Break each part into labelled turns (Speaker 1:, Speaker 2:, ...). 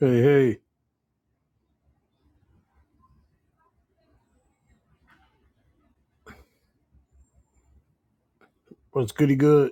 Speaker 1: Hey, hey, what's goody good?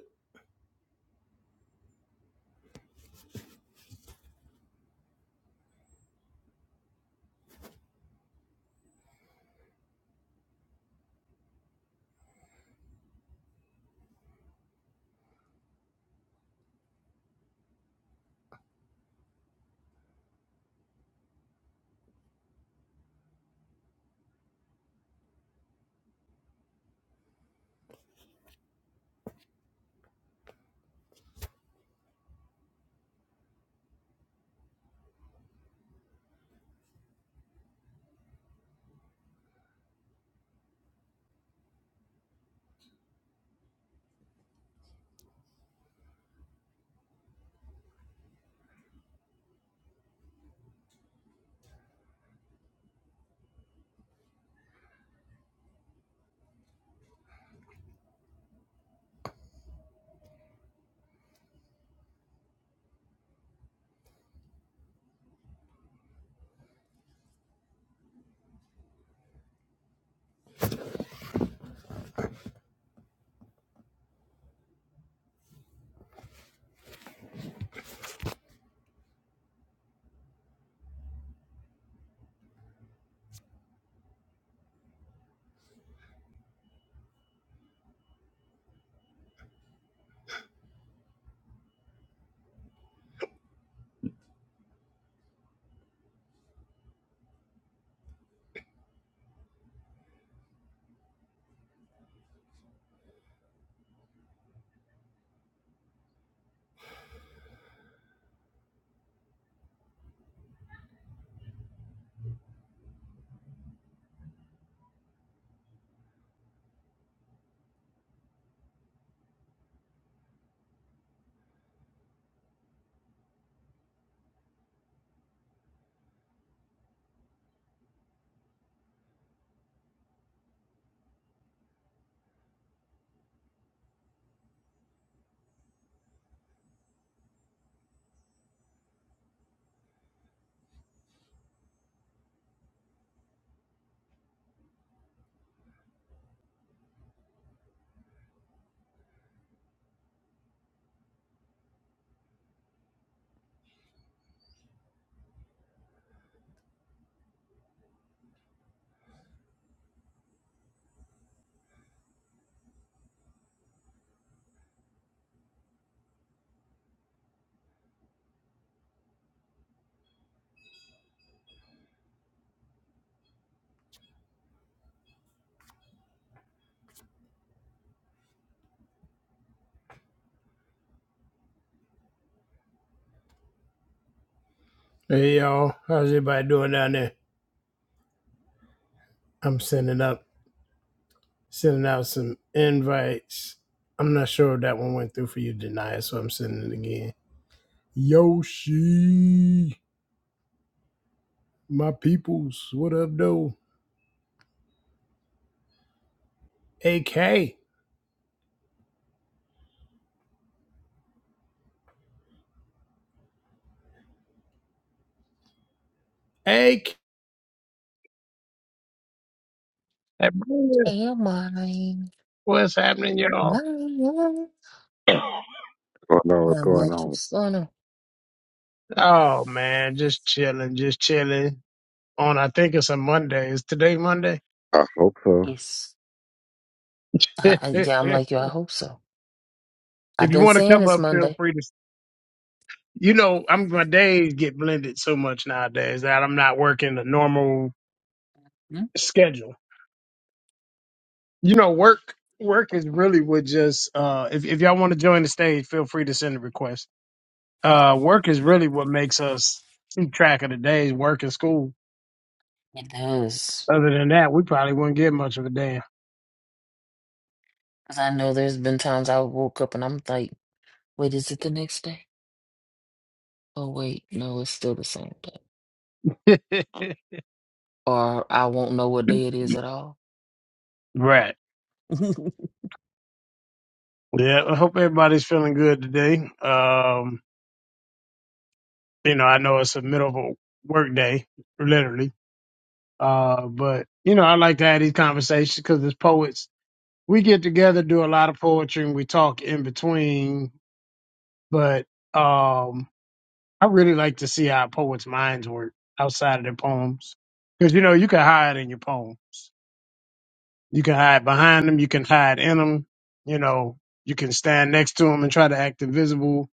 Speaker 1: Hey, y'all, how's everybody doing down there? I'm sending up, sending out some invites. I'm not sure if that one went through for you, Denia, so I'm sending it again. Yoshi, my peoples, what up, though? AK, AK, Hey,
Speaker 2: Your mind,
Speaker 1: what's happening, y'all?
Speaker 2: mine,
Speaker 3: don't what's
Speaker 2: my
Speaker 3: going
Speaker 2: much
Speaker 3: on.
Speaker 2: son.
Speaker 1: Oh, man, just chilling, just chilling. On, I think it's a Monday. Is today Monday?
Speaker 3: I hope so.
Speaker 2: Yes. I,
Speaker 1: if
Speaker 2: I, yeah, I'm like
Speaker 1: you
Speaker 2: you. I hope so. I've been
Speaker 1: want to
Speaker 2: saying
Speaker 1: come
Speaker 2: it's
Speaker 1: up, feel
Speaker 2: Monday.
Speaker 1: free to You know, I'm my days get blended so much nowadays that I'm not working a normal
Speaker 2: Mm,
Speaker 1: schedule. You know, work work is really what just uh if, if y'all want to join the stage, feel free to send a request. Uh work is really what makes us keep track of the days, work and school.
Speaker 2: It does,
Speaker 1: Other than that, we probably wouldn't get much of a damn.
Speaker 2: because I know there's been times I woke up and I'm like, wait, is it the next day? Oh wait, no, it's still the same day. Or I won't know what day it is at all.
Speaker 1: right. Yeah, I hope everybody's feeling good today. Um, you know, I know it's the middle of a work day, literally. Uh, but you know, I like to have these conversations because as poets, we get together, do a lot of poetry, and we talk in between. But um, I really like to see how poets' minds work outside of their poems, because you know you can hide in your poems, you can hide behind them, you can hide in them, you know, you can stand next to them and try to act invisible.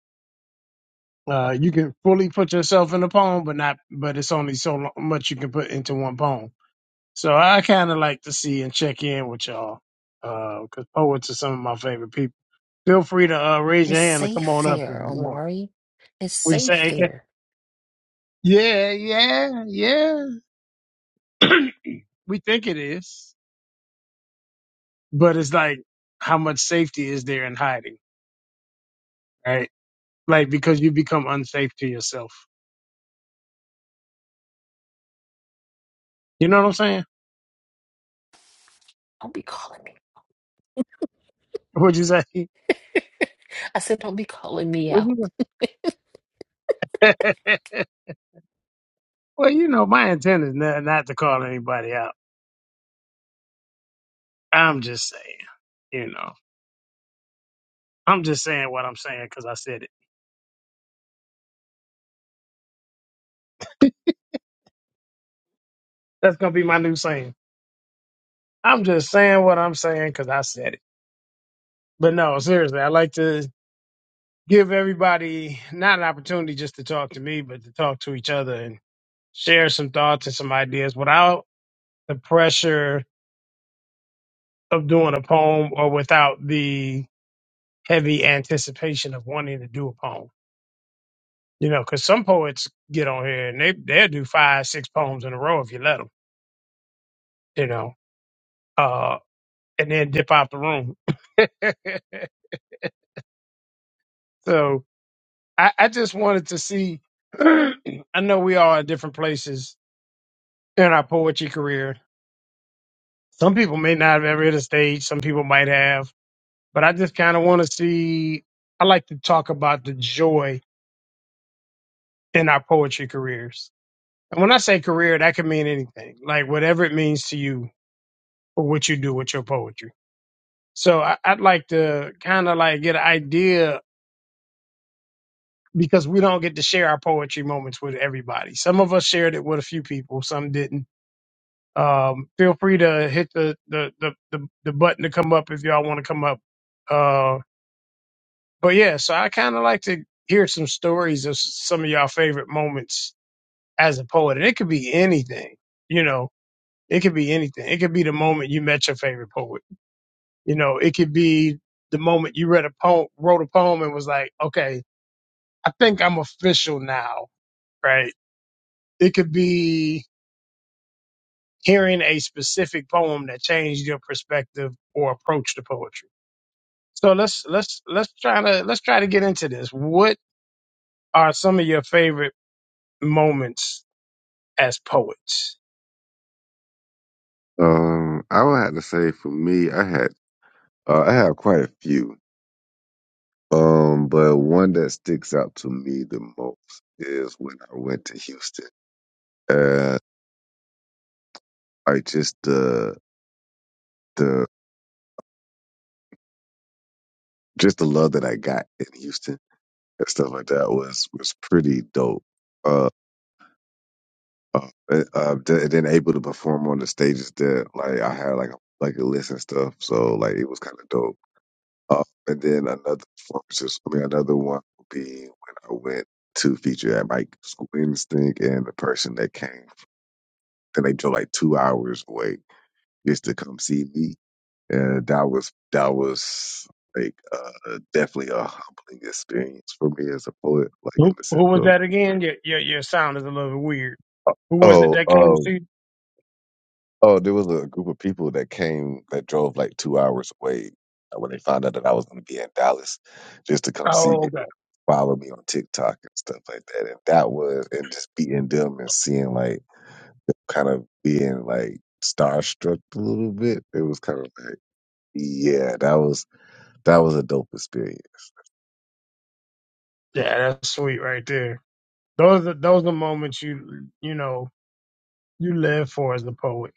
Speaker 1: Uh, you can fully put yourself in a poem, but not, but it's only so lo- much you can put into one poem So I kind of like to see and check in with y'all because poets are some of my favorite people. Feel free to uh, raise your
Speaker 2: It's
Speaker 1: hand and come
Speaker 2: safe
Speaker 1: on up if
Speaker 2: there,
Speaker 1: you want.
Speaker 2: Omari. It's
Speaker 1: Would you
Speaker 2: safe
Speaker 1: say, AK?
Speaker 2: there.
Speaker 1: Yeah, yeah, yeah. we think it is, but it's like how much safety is there in hiding, right? Like because you become unsafe to yourself. You know what I'm saying?
Speaker 2: Don't be calling me.
Speaker 1: Would you say?
Speaker 2: I said, don't be calling me
Speaker 1: Would
Speaker 2: out.
Speaker 1: you say? well, you know, my intent is not, not to call anybody out. I'm just saying, you know, I'm just saying what I'm saying saying because I said it. That's gonna be my new saying. I'm just saying what I'm saying because I said it. But no, seriously, I like to give everybody not an opportunity just to talk to me, but to talk to each other and share some thoughts and some ideas without the pressure of doing a poem or without the heavy anticipation of wanting to do a poem. You know, because some poets get on here and they they'll do five, six poems in a row if you let them. You know, uh, and then dip out the room. so I, I just wanted to see. I know we all are at different places in our poetry career. Some people may not have ever hit a stage, some people might have, but I just kind of want to see. I like to talk about the joy in our poetry careers. And when I say career, that can mean anything, like whatever it means to you or what you do with your poetry. So I, I'd like to kind of like get an idea because we don't get to share our poetry moments with everybody. Some of us shared it with a few people, some didn't Um, feel free to hit the, the, the, the, the button to come up if y'all want to come up. Uh, but yeah, so I kind of like to hear some stories of s- some of y'all favorite moments as a poet. And it could be anything, you know, it could be anything. It could be the moment you met your favorite poet. You know, it could be the moment you read a poem, wrote a poem and was like, okay, I think I'm official now, right? It could be hearing a specific poem that changed your perspective or approach to poetry So let's let's let's try to let's try to get into this. What are some of your favorite moments as poets?
Speaker 3: Um, I would have to say for me, I had uh, I have quite a few. Um, but one that sticks out to me the most is when I went to Houston. Uh, I just the the just the love that I got in Houston and stuff like that was was pretty dope. Uh, uh, and, uh th- then able to perform on the stages that like I had like a bucket list and stuff, so like it was kind of dope Um, and then another performance, is- I mean, another one would be when I went to feature at like School Instinct, and the person that came, then they drove like two hours away just to come see me. And that was that was like uh, definitely a humbling experience for me as a poet, like in
Speaker 1: Who
Speaker 3: the
Speaker 1: who
Speaker 3: sense
Speaker 1: was
Speaker 3: of
Speaker 1: that again? Your your your sound is a little weird. Who was it
Speaker 3: oh.
Speaker 1: that came to
Speaker 3: oh,
Speaker 1: see?
Speaker 3: Oh, there was a group of people that came that drove like two hours away uh, when they found out that I was going to be in Dallas just to come see me.
Speaker 1: Oh, okay.
Speaker 3: They follow me on TikTok and stuff like that. And that was, and just beating them and seeing like them kind of being like starstruck a little bit. It was kind of like, yeah, that was, that was a dope experience.
Speaker 1: Yeah, that's sweet right there. Those are those are moments you you know you live for as a poet,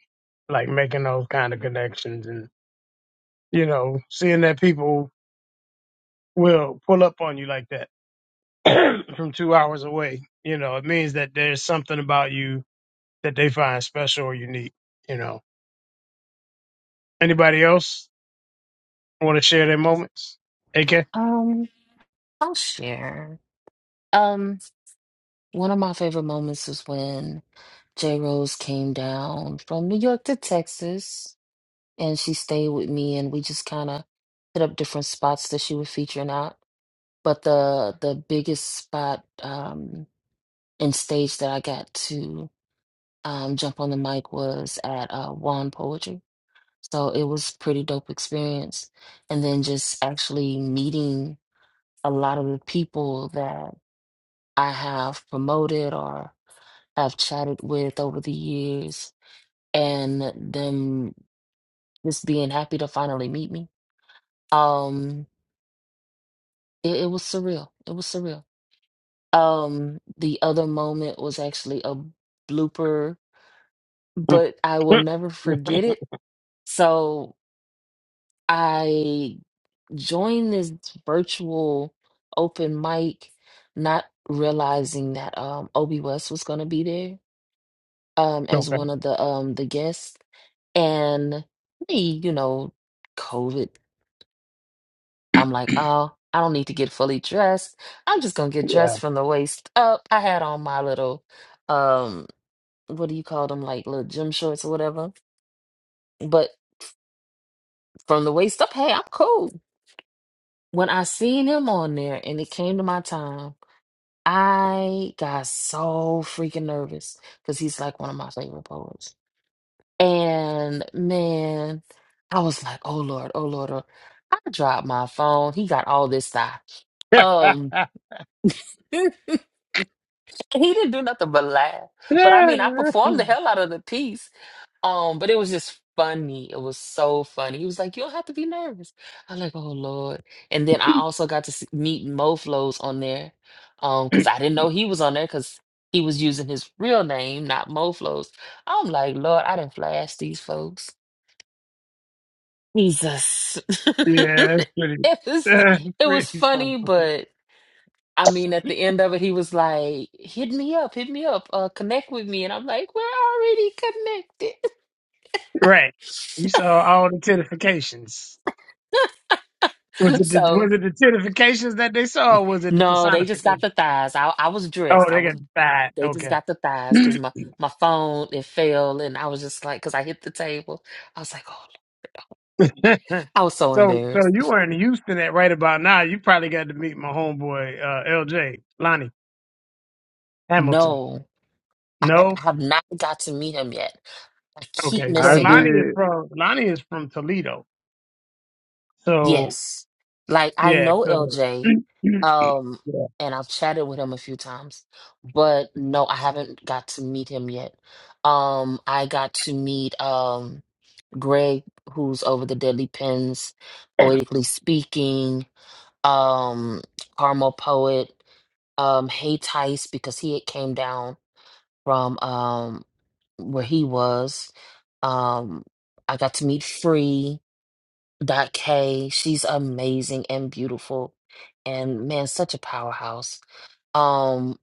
Speaker 1: like making those kind of connections and you know seeing that people will pull up on you like that from two hours away. You know, it means that there's something about you that they find special or unique. You know, anybody else want to share their moments? AK.
Speaker 2: Um, I'll share. Um. One of my favorite moments is when J. Rose came down from New York to Texas and she stayed with me and we just kind of hit up different spots that she would feature in out. But the the biggest spot um and stage that I got to um jump on the mic was at uh Juan Poetry. So it was pretty dope experience. And then just actually meeting a lot of the people that I have promoted or. have chatted with over the years and them just being happy to finally meet me. Um, it, it was surreal. It was surreal. Um, the other moment was actually a blooper, but I will never forget it. So I joined this virtual open mic, not realizing that um Obi West was gonna be there. um as
Speaker 1: Okay.
Speaker 2: one of the um the guests and me, you know, COVID. I'm like, oh, I don't need to get fully dressed. I'm just gonna get
Speaker 1: Yeah.
Speaker 2: dressed from the waist up. I had on my little um what do you call them, like little gym shorts or whatever. But from the waist up, hey, I'm cool. When I seen him on there and it came to my time, I got so freaking nervous because he's like one of my favorite poets. And man, I was like, oh Lord, oh Lord, oh. I dropped my phone. He got all this stuff. Um, he didn't do nothing but laugh. But I mean, I performed the hell out of the piece. Um, but it was just funny. It was so funny. He was like, you don't have to be nervous. I'm like, oh Lord. And then I also got to see, meet Moflows on there. Um, because I didn't know he was on there because he was using his real name, not Moflows. I'm like, Lord, I didn't flash these folks. Jesus.
Speaker 1: yeah, that's pretty.
Speaker 2: it was
Speaker 1: That's
Speaker 2: it was
Speaker 1: pretty funny.
Speaker 2: funny, but I mean at the end of it he was like, hit me up, hit me up, uh connect with me. And I'm like, we're already connected.
Speaker 1: Right. You saw all the titifications. Was it the,
Speaker 2: so
Speaker 1: was it the titifications that they saw, or was it the
Speaker 2: no, they just got
Speaker 1: personification?
Speaker 2: the thighs. I I was
Speaker 1: Oh,
Speaker 2: dressed. I
Speaker 1: they got
Speaker 2: was
Speaker 1: the side.
Speaker 2: they just got
Speaker 1: Okay.
Speaker 2: the thighs because my, my phone it fell and I was just like because I hit the table. I was like, oh I was so
Speaker 1: so, so
Speaker 2: embarrassed.
Speaker 1: you were in Houston at right about now. You probably got to meet my homeboy uh, LJ Lonnie Hamilton.
Speaker 2: No, I I
Speaker 1: No,
Speaker 2: have not got to meet him yet. I keep
Speaker 1: okay. So
Speaker 3: I
Speaker 2: missing him.
Speaker 1: Lonnie is
Speaker 3: did.
Speaker 1: from Lonnie is from Toledo. So
Speaker 2: Yes. Like I
Speaker 1: yeah,
Speaker 2: know
Speaker 1: so
Speaker 2: LJ, um,
Speaker 1: yeah.
Speaker 2: and I've chatted with him a few times, but no, I haven't got to meet him yet. Um, I got to meet um Greg, who's over the Deadly Pens, poetically speaking, um, Carmel Poet, um, Hey Tice, because he had came down from um where he was. Um, I got to meet Free. Dot K. She's amazing and beautiful, and man, such a powerhouse. Um,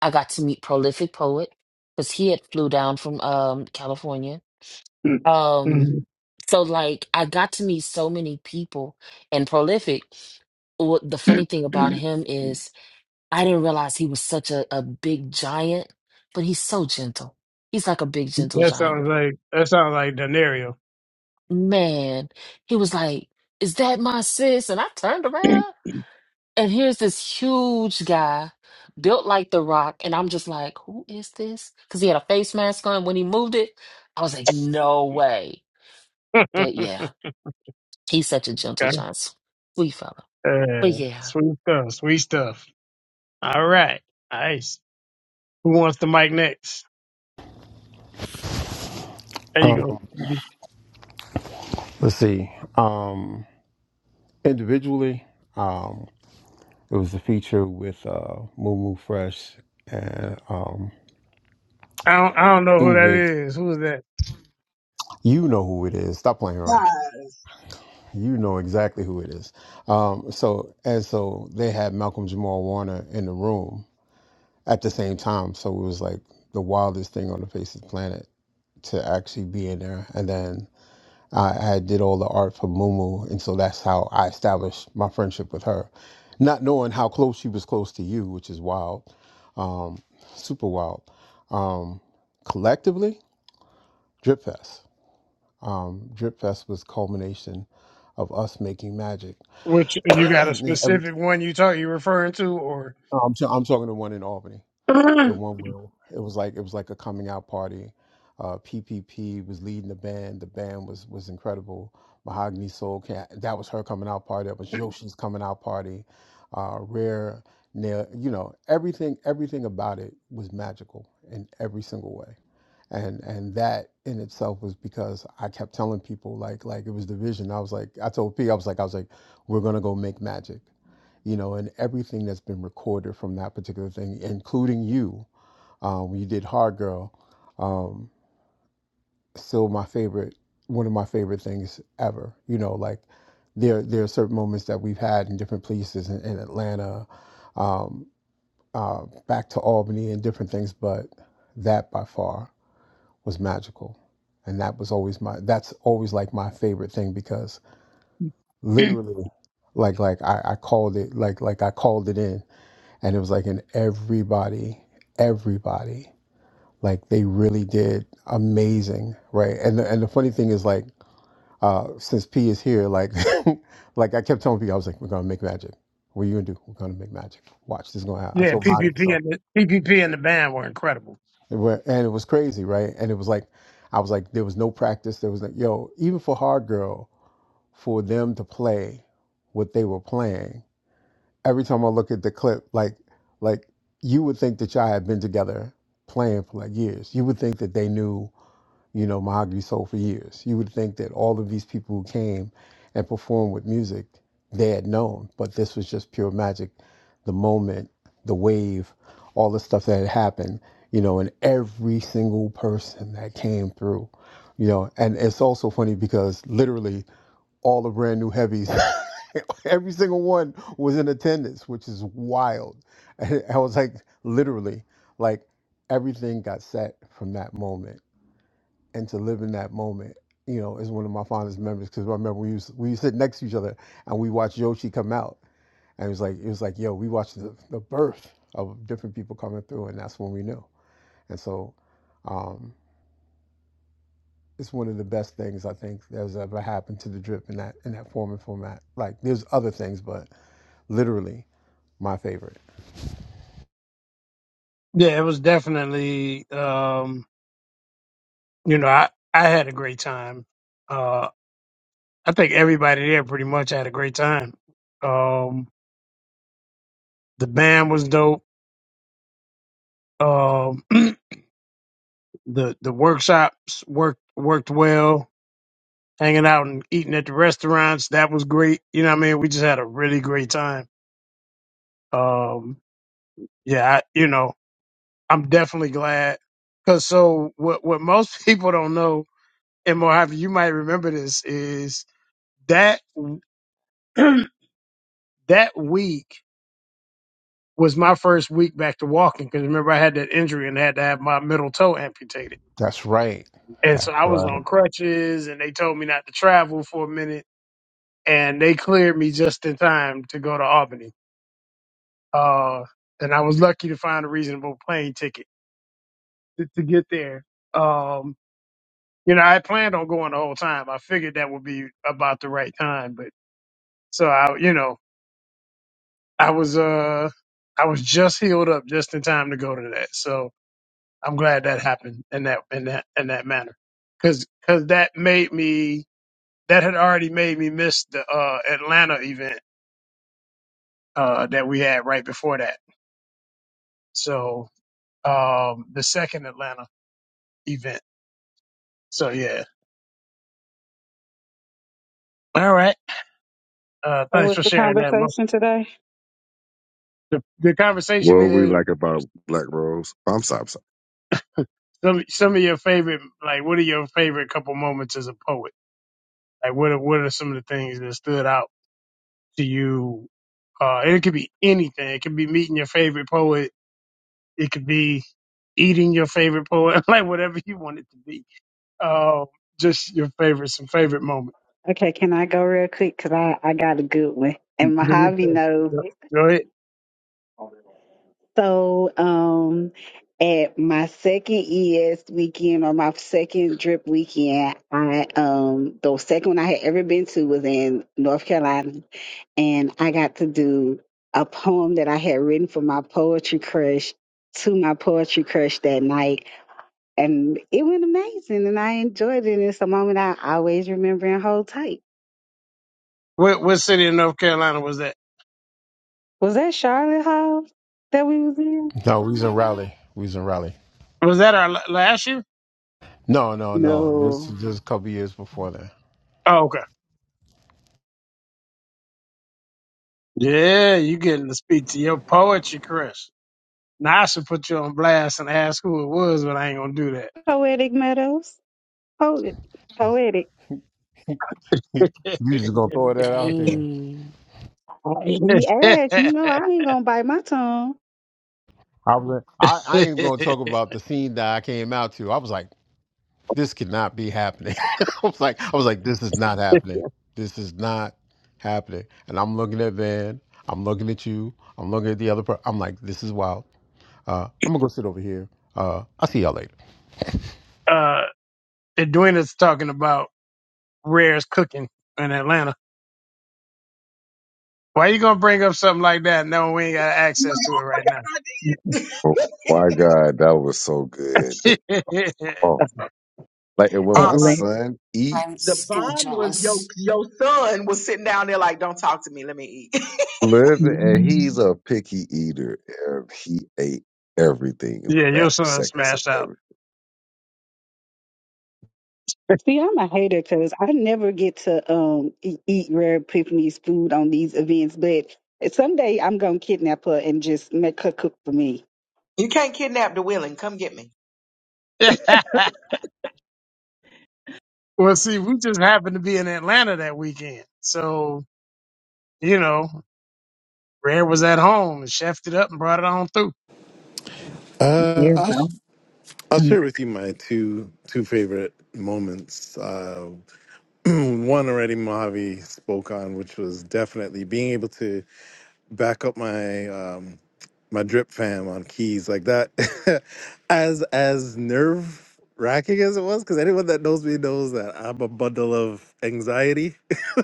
Speaker 2: I got to meet Prolific Poet because he had flew down from um California. Um, so like I got to meet so many people, and Prolific. What the funny thing about
Speaker 1: Mhm.
Speaker 2: him is I didn't realize he was such a, a big giant, but he's so gentle. He's like a big gentle
Speaker 1: that sounds
Speaker 2: giant.
Speaker 1: like that sounds like Denario.
Speaker 2: Man, he was like, "Is that my sis?" And I turned around. and here's this huge guy built like the rock and i'm just like who is this because he had a face mask on when he moved it i was like no way but
Speaker 1: okay.
Speaker 2: yeah he's such a gentle giant sweet fella but
Speaker 1: Uh,
Speaker 2: yeah
Speaker 1: sweet stuff. Sweet stuff. All right. Nice. Who wants the mic next? There you go.
Speaker 4: Let's see. Um, individually, um, it was a feature with uh, Moo Moo Fresh and um,
Speaker 1: I don't, I don't know who that
Speaker 4: Ingrid.
Speaker 1: is. Who is that?
Speaker 4: You know who it is. Stop playing around.
Speaker 5: God.
Speaker 4: You know exactly who it is. Um, so and so they had Malcolm Jamal Warner in the room at the same time. So it was like the wildest thing on the face of the planet to actually be in there. And then I, I did all the art for Mumu, and so that's how I established my friendship with her, not knowing how close she was close to you, which is wild, um, super wild. Um, collectively, Drip Fest. Um, Drip Fest was culmination of us making magic.
Speaker 1: Which you got a
Speaker 4: And every-
Speaker 1: specific one you talk you referring to, or
Speaker 4: I'm, t- I'm talking to one in Albany the
Speaker 1: yeah,
Speaker 4: one where it was like it was like a coming out party. Uh, PPP was leading the band. The band was was incredible. Mahogany Soul Cat. That was her coming out party. That was Yoshi's coming out party. Uh, Rare Nail. You know everything. Everything about it was magical in every single way. And and that in itself was because I kept telling people like like it was the vision. I was like I told P I was like I was like we're gonna go make magic. You know, and everything that's been recorded from that particular thing, including you, uh, when you did Hard Girl. Um, still my favorite, one of my favorite things ever. You know, like there there are certain moments that we've had in different places in, in Atlanta, um, uh, back to Albany and different things, but that by far was magical, and that was always my that's always like my favorite thing because literally, like like I, I called it like like I called it in, and it was like in everybody everybody like they really did amazing right and the, and the funny thing is like uh since p is here like like i kept telling people i was like we're gonna make magic what are you gonna do we're gonna make magic watch this is gonna happen i told my
Speaker 1: PPP
Speaker 4: so
Speaker 1: and the, PPP and the band were incredible.
Speaker 4: It wa- and it was crazy right and it was like i was like there was no practice there was like yo even for hard girl for them to play what they were playing every time i look at the clip like like you would think that y'all had been together playing for like years you would think that they knew you know, mahogany soul for years. You would think that all of these people who came and performed with music, they had known, but this was just pure magic. The moment, the wave, all the stuff that had happened, you know, and every single person that came through, you know, and it's also funny because literally all the brand new heavies, every single one was in attendance, which is wild. And I was like, literally, like everything got set from that moment and to live in that moment, you know, is one of my fondest memories. Because I remember we used we used to sit next to each other and we watched Yoshi come out, and it was like it was like yo, we watched the, the birth of different people coming through, and that's when we knew. And so, um, it's one of the best things I think that's ever happened to the drip in that in that form and format. Like there's other things, but literally my favorite.
Speaker 1: Yeah, it was definitely. Um, you know, I I had a great time. Uh, I think everybody there pretty much had a great time. Um, the band was dope. Um, the the workshops worked worked well. Hanging out and eating at the restaurants that was great. You know, what I mean, we just had a really great time. um yeah I, you know i'm definitely glad because so what what most people don't know and mojave you might remember this is that that week was my first week back to walking because remember i had that injury and had to have my middle toe amputated
Speaker 4: That's right.
Speaker 1: and
Speaker 4: That's
Speaker 1: so i was
Speaker 4: right.
Speaker 1: on crutches and they told me not to travel for a minute and they cleared me just in time to go to albany uh and i was lucky to find a reasonable plane ticket to, to get there um You know, I planned on going the whole time. I figured that would be about the right time, but so I, you know, I was uh, I was just healed up just in time to go to that. So I'm glad that happened in that in that in that manner, because because that made me that had already made me miss the uh Atlanta event uh that we had right before that. So um, the second Atlanta event. So yeah, all right. Uh,
Speaker 6: Oh,
Speaker 1: thanks
Speaker 6: what's
Speaker 1: for
Speaker 6: the
Speaker 1: sharing that. Mo.
Speaker 6: conversation today?
Speaker 1: The, the
Speaker 3: What
Speaker 1: conversation
Speaker 3: were we
Speaker 1: is.
Speaker 3: like about Black Rose? I'm sorry, I'm sorry.
Speaker 1: Some some of your favorite, like, what are your favorite couple moments as a poet? Like, what are, what are some of the things that stood out to you? Uh, and it could be anything. It could be meeting your favorite poet. It could be eating your favorite poet. like whatever you want it to be. Uh, just your favorite, some favorite moment.
Speaker 6: Okay, can I go real quick? Cause I, I got a good one.
Speaker 1: Do
Speaker 6: And
Speaker 1: you
Speaker 6: Mojave
Speaker 1: think?
Speaker 6: knows.
Speaker 1: Go
Speaker 6: it.
Speaker 1: go ahead.
Speaker 6: So um at my second ES weekend or my second drip weekend, I um the second one I had ever been to was in North Carolina and I got to do a poem that I had written for my poetry crush to my poetry crush that night. And it went amazing and I enjoyed it. it's a moment I always remember and hold tight.
Speaker 1: What what city in North Carolina was that?
Speaker 6: Was that Charlotte House that we was in?
Speaker 4: No, we was in Raleigh. We was in Raleigh.
Speaker 1: Was that our la- last year?
Speaker 4: No, no, no. This
Speaker 6: No.
Speaker 4: is just a couple years before that.
Speaker 1: Oh, okay. Yeah, you getting to speak to your poetry, Chris. Now I should put you on blast and ask who it was, but I ain't gonna do
Speaker 6: Poetic Meadows. Poet. Poetic.
Speaker 4: He, you just gonna throw that out there.
Speaker 2: dang,
Speaker 6: He asked, you
Speaker 1: that.
Speaker 6: know, I ain't gonna bite my tongue.
Speaker 4: I, was- I I ain't gonna talk about the scene that I came out to. I was like, this cannot be happening. I was like, I was like, this is not happening. This is not happening. And I'm looking at Van. I'm looking at you. I'm looking at the other. Per- I'm like, this is wild. Uh, I'm gonna go sit over here. Uh, I'll see y'all later.
Speaker 1: uh, Edwina's talking about Rare's cooking in Atlanta. Why you gonna bring up something like that? No, we ain't got access to it right now.
Speaker 3: Oh my God, that was so good. The, oh, like, and when my
Speaker 5: Uh,
Speaker 7: Atlanta.
Speaker 3: son
Speaker 2: i'm
Speaker 3: eats,
Speaker 5: the
Speaker 2: still
Speaker 5: bomb was your
Speaker 2: jealous
Speaker 5: your son was sitting down there like, don't talk to me, let me eat.
Speaker 3: Living, and he's a picky eater. and He ate everything and
Speaker 1: yeah,
Speaker 3: went
Speaker 1: your
Speaker 3: back for
Speaker 1: son
Speaker 3: seconds and
Speaker 1: smashed out.
Speaker 3: everything.
Speaker 6: See, I'm a hater because I never get to um eat, eat Rare Epiphany's food on these events, but someday I'm gonna kidnap her and just make her cook for me.
Speaker 5: You can't kidnap the willing. Come get me.
Speaker 1: well, see, we just happened to be in Atlanta that weekend, so you know, Rare was at home and chefed it up and brought it on through.
Speaker 8: Uh,
Speaker 7: Yeah,
Speaker 8: I'll,
Speaker 7: bro.
Speaker 8: I'll
Speaker 7: Um,
Speaker 8: share with you my two two favorite moments. Uh, one already Mojave spoke on, which was definitely being able to back up my um my drip fam on keys like that as as nerve wracking as it was because anyone that knows me knows that i'm a bundle of anxiety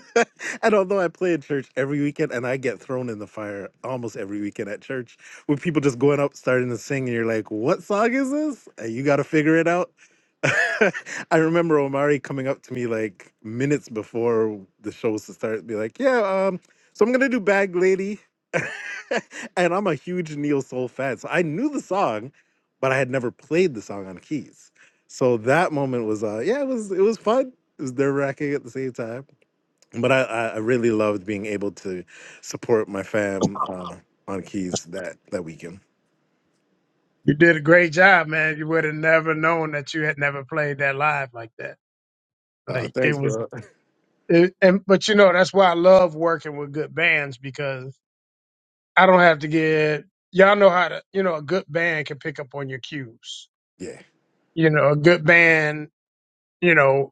Speaker 8: and although i play in church every weekend and i get thrown in the fire almost every weekend at church with people just going up starting to sing and you're like what song is this and you got to figure it out I remember Omari coming up to me like minutes before the show was to start, be like, "Yeah, um, so I'm gonna do Bag Lady." and I'm a huge Neil Soul fan. So I knew the song, but I had never played the song on keys. So that moment was uh yeah, it was it was fun. It was nerve wracking at the same time. But I, I I really loved being able to support my fam uh, on keys that that weekend.
Speaker 1: You did a great job, man. You would have never known that you had never played that live like that.
Speaker 8: Uh,
Speaker 1: Like it
Speaker 8: thanks,
Speaker 1: was,
Speaker 8: bro.
Speaker 1: it, and but you know that's why I love working with good bands because I don't have to get y'all know how to you know a good band can pick up on your cues.
Speaker 8: Yeah.
Speaker 1: You know a good band you know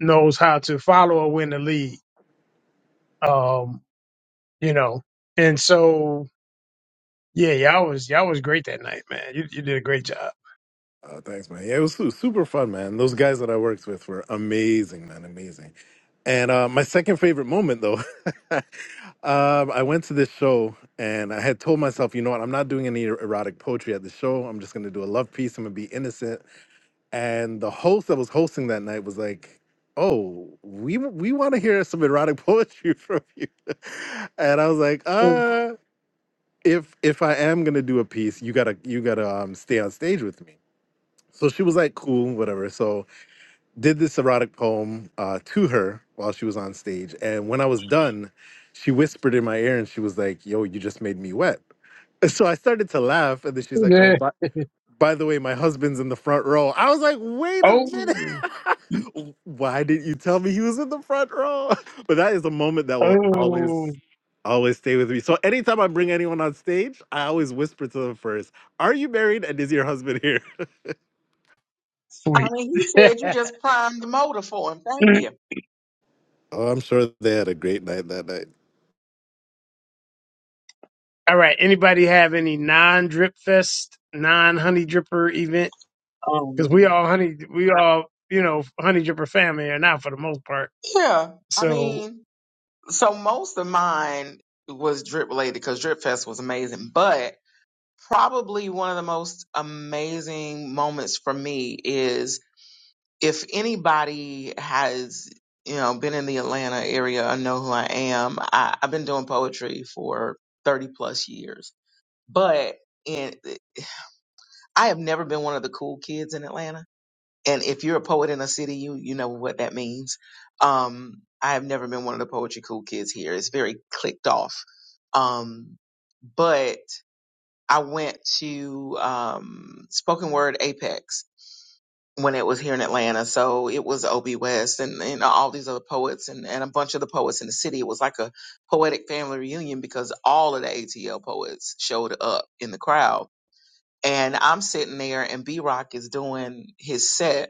Speaker 1: knows how to follow or win the lead. Um, you know, and so yeah, y'all was y'all was great that night, man. You you did a great job.
Speaker 8: Uh, thanks, man. Yeah, it was su- super fun, man. Those guys that I worked with were amazing, man, amazing. And uh, my second favorite moment, though, um, I went to this show and I had told myself, you know what, I'm not doing any er-, erotic poetry at the show. I'm just going to do a love piece. I'm going to be innocent. And the host that was hosting that night was like, oh, we we want to hear some erotic poetry from you. and I was like, uh, if if I am going to do a piece, you gotta you gotta um, stay on stage with me. So she was like, cool, whatever. So did this erotic poem uh, to her while she was on stage. And when I was done, she whispered in my ear and she was like, yo, you just made me wet. And so I started to laugh. And then she's like, oh,
Speaker 1: Yeah.
Speaker 8: by, by the way, my husband's in the front row. I was like, wait a
Speaker 1: Oh,
Speaker 8: minute. Why didn't you tell me he was in the front row? But that is a moment that will
Speaker 1: oh,
Speaker 8: always, always stay with me. So anytime I bring anyone on stage, I always whisper to them first, are you married and is your husband here?
Speaker 5: I
Speaker 1: sweet.
Speaker 5: mean, he said you just primed the motor for him. Thank
Speaker 1: Mm.
Speaker 5: you.
Speaker 8: Oh, I'm sure they had a great night that night.
Speaker 1: All right. Anybody have any non drip fest, non honey dripper event? Because we
Speaker 5: Um,
Speaker 1: all honey, we all you know honey dripper family are not for the most part.
Speaker 5: yeah. I
Speaker 1: So,
Speaker 5: mean, so most of mine was drip related because Drip Fest was amazing, but probably one of the most amazing moments for me is if anybody has you know been in the Atlanta area and know who I am, I, I've been doing poetry for thirty plus years. But in, I have never been one of the cool kids in Atlanta. And if you're a poet in a city, you you know what that means. Um, I have never been one of the poetry cool kids here. It's very clicked off. Um, but I went to um, Spoken Word Apex when it was here in Atlanta. So it was Ob West and, and all these other poets and, and a bunch of the poets in the city. It was like a poetic family reunion because all of the ATL poets showed up in the crowd. And I'm sitting there and B Rock is doing his set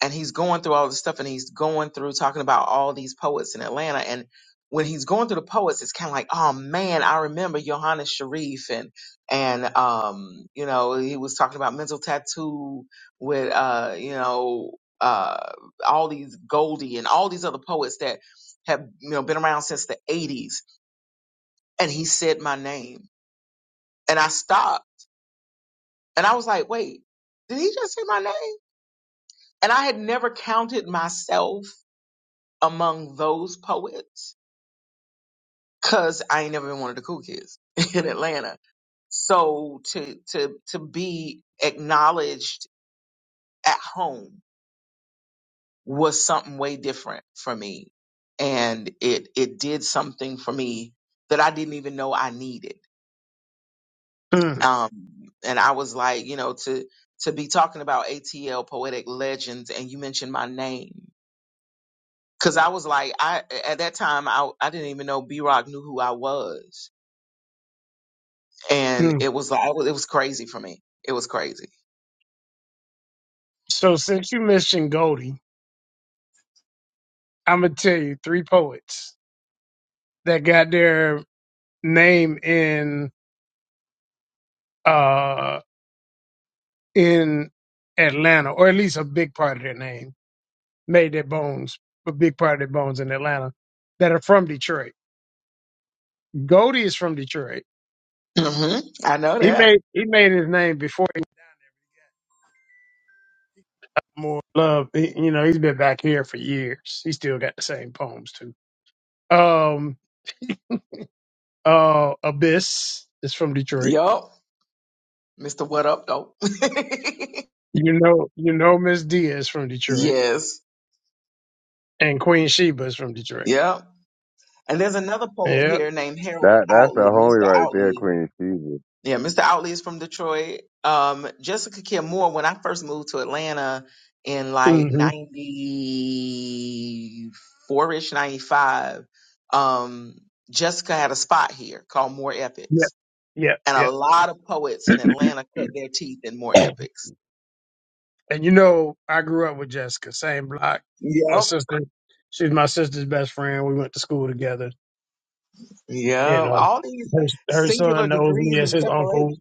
Speaker 5: and he's going through all this stuff and he's going through talking about all these poets in Atlanta and when he's going through the poets it's kind of like oh man I remember Johannes Sharif and and um you know he was talking about mental tattoo with uh you know uh all these Goldie and all these other poets that have you know been around since the 80s and he said my name and I stopped and I was like wait did he just say my name and I had never counted myself among those poets because I ain't never been one of the cool kids in Atlanta. So to to to be acknowledged at home was something way different for me, and it it did something for me that I didn't even know I needed.
Speaker 1: mm,
Speaker 5: Um, and I was like, you know, to to be talking about ATL poetic legends, and you mentioned my name because I was like, I at that time I I didn't even know B Rock knew who I was and
Speaker 1: mm.
Speaker 5: it was like it was crazy for me. It was crazy.
Speaker 1: so since you mentioned Goldie, I'm gonna tell you three poets that got their name in uh in Atlanta, or at least a big part of their name made their bones, a big part of their bones in Atlanta, that are from Detroit. Goldie is from Detroit
Speaker 5: hmm I know
Speaker 1: He
Speaker 5: that.
Speaker 1: made he made his name before he got more love. He- you know, he's been back here for years. He still got the same poems too. Um, uh, Abyss is from Detroit.
Speaker 5: Yup, Mister What Up though.
Speaker 1: You know, you know, Miss Dia is from Detroit,
Speaker 5: yes.
Speaker 1: and Queen Sheba is from Detroit.
Speaker 5: Yep. And there's another poet
Speaker 1: Yeah,
Speaker 5: here named Harold
Speaker 3: That that's the
Speaker 5: Outley,
Speaker 3: homie
Speaker 5: Mr.
Speaker 3: right there,
Speaker 5: Outley.
Speaker 3: Queen Caesar.
Speaker 5: Yeah, Mr. Outley is from Detroit. Um, Jessica Kim Moore. When I first moved to Atlanta in like
Speaker 1: hmm
Speaker 5: '94 ish, '95, um, Jessica had a spot here called Moore Epics
Speaker 1: yeah, yeah,
Speaker 5: And a
Speaker 1: yeah.
Speaker 5: lot of poets in Atlanta cut their teeth in more epics.
Speaker 1: and you know, I grew up with Jessica, same block. My
Speaker 5: Yep.
Speaker 1: sister, she's my sister's best friend. We went to school together. You
Speaker 5: Yeah.
Speaker 1: know,
Speaker 5: All these
Speaker 1: her, her son
Speaker 5: singular
Speaker 1: knows me
Speaker 5: degrees
Speaker 1: as
Speaker 5: of
Speaker 1: his uncle.
Speaker 5: separation.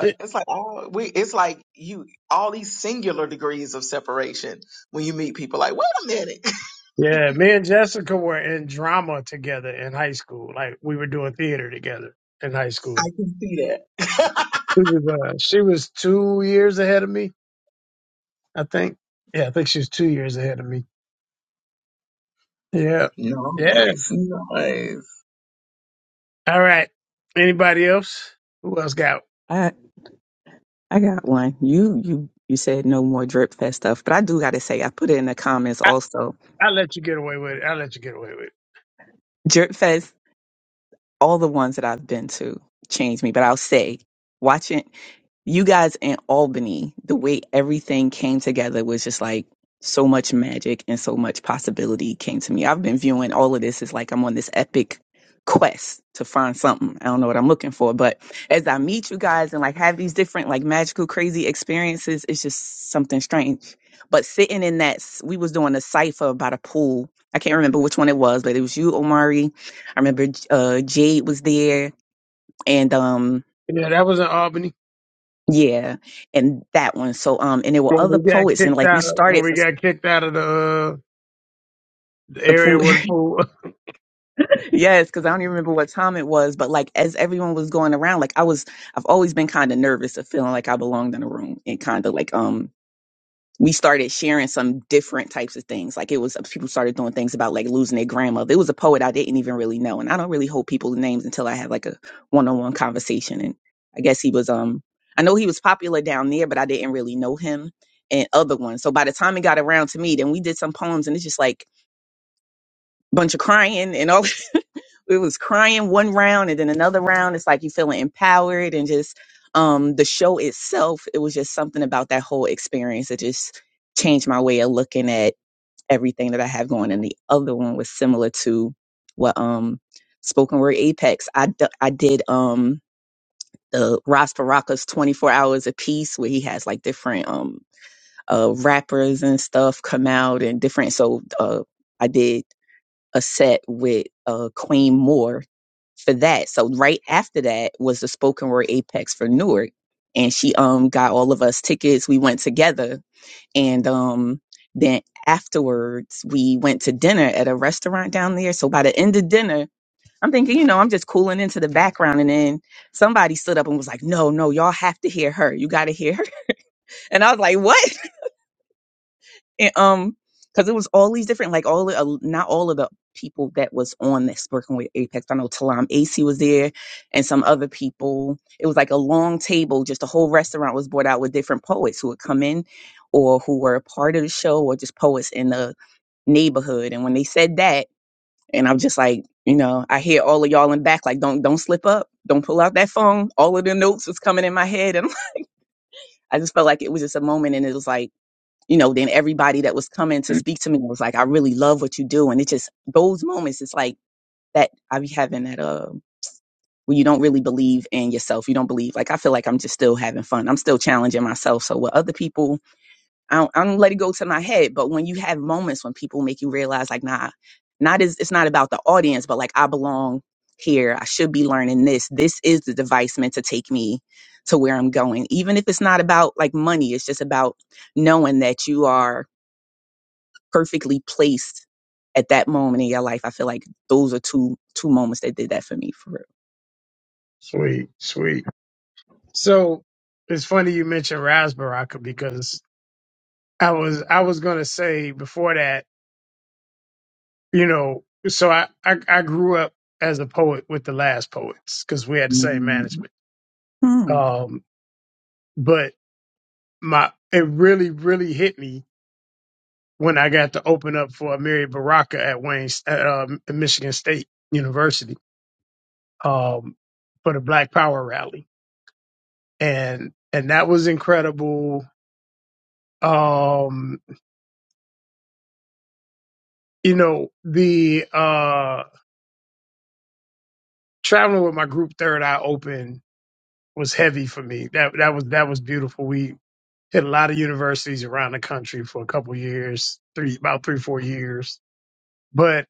Speaker 5: It's like all we it's like you all these singular degrees of separation when you meet people like, wait a minute.
Speaker 1: Yeah, me and Jessica were in drama together in high school. Like we were doing theater together in high
Speaker 5: I
Speaker 1: school.
Speaker 5: can see that.
Speaker 1: She was, uh, she was two years ahead of me, I think. Yeah, I think she was two years ahead of me. Yeah, yeah.
Speaker 5: Nice. Nice.
Speaker 1: All right. Anybody else? Who else got?
Speaker 7: I I got one. You you you said no more drip fest stuff, but I do got to say I put it in the comments
Speaker 1: I
Speaker 7: also.
Speaker 1: I let you get away with it. I let you get away with
Speaker 7: Drip fest, all the ones that I've been to changed me, but I'll say watching. you guys in Albany, the way everything came together was just like so much magic and so much possibility came to me. I've been viewing all of this as like I'm on this epic quest to find something. I don't know what I'm looking for, but as I meet you guys and like have these different like magical crazy experiences, it's just something strange. But sitting in that, s- we was doing a cipher about a pool. I can't remember which one it was, but it was you, Omari. I remember uh, Jade was there, and um,
Speaker 1: it. Yeah, that was in Albany
Speaker 7: yeah, and that one. So, um, and there were
Speaker 1: when
Speaker 7: other
Speaker 1: we got
Speaker 7: poets, and
Speaker 1: kicked
Speaker 7: like we
Speaker 1: out of when
Speaker 7: started
Speaker 1: we
Speaker 7: for
Speaker 1: got kicked out of the uh, the
Speaker 7: the
Speaker 1: area
Speaker 7: pool.
Speaker 1: with the pool.
Speaker 7: yes, because I don't even remember what time it was, but like as everyone was going around, like I was, I've always been kind of nervous of feeling like I belonged in a room and kind of like um we started sharing some different types of things. Like it was people started doing things about like losing their grandmother. It was a poet I didn't even really know, and I don't really hold people's names until I have like a one-on-one conversation. And I guess he was um I know he was popular down there, but I didn't really know him and other ones. So by the time it got around to me, then we did some poems, and it's just like bunch of crying and all it was crying one round and then another round it's like you feeling empowered and just um the show itself it was just something about that whole experience that just changed my way of looking at everything that i have going and the other one was similar to what um spoken word apex i d- i did um the Ras Baraka's 24 hours a piece where he has like different um uh rappers and stuff come out and different so uh I did a set with uh Queen Moore for that. So right after that was the spoken word apex for Newark. And she um got all of us tickets. We went together and um then afterwards we went to dinner at a restaurant down there. So by the end of dinner, I'm thinking, you know, I'm just cooling into the background and then somebody stood up and was like, No, no, y'all have to hear her. You gotta hear her. And I was like, What? and um because it was all these different like all the- uh, not all of the people that was on this working with apex i know talam ac was there and some other people it was like a long table just a whole restaurant was brought out with different poets who would come in or who were a part of the show or just poets in the neighborhood and when they said that and i'm just like you know i hear all of y'all in back like don't don't slip up don't pull out that phone all of the notes was coming in my head and i just felt like it was just a moment and it was like you know, then everybody that was coming to speak to me was like, I really love what you do. And it just, those moments, it's like that I be having that, uh, where you don't really believe in yourself. You don't believe, like, I feel like I'm just still having fun. I'm still challenging myself. So with other people, I don't, I don't let it go to my head. But when you have moments when people make you realize like, nah, not as, it's not about the audience, but like I belong here. I should be learning this. This is the device meant to take me to where I'm going. Even if it's not about like money, it's just about knowing that you are perfectly placed at that moment in your life. I feel like those are two two moments that did that for me for real.
Speaker 1: sweet, sweet. So it's funny you mentioned Raz Baraka because I was I was gonna say before that, you know, so I I, I grew up as a poet with the last poets because we had the same
Speaker 7: Mm.
Speaker 1: management.
Speaker 7: Hmm.
Speaker 1: Um, but my it really really hit me when I got to open up for Mary Baraka at Wayne at uh, Michigan State University um, for the Black Power rally, and and that was incredible. Um, you know the uh, traveling with my group Third Eye Open was heavy for me. That that was that was beautiful. We hit a lot of universities around the country for a couple years, three about three four years. But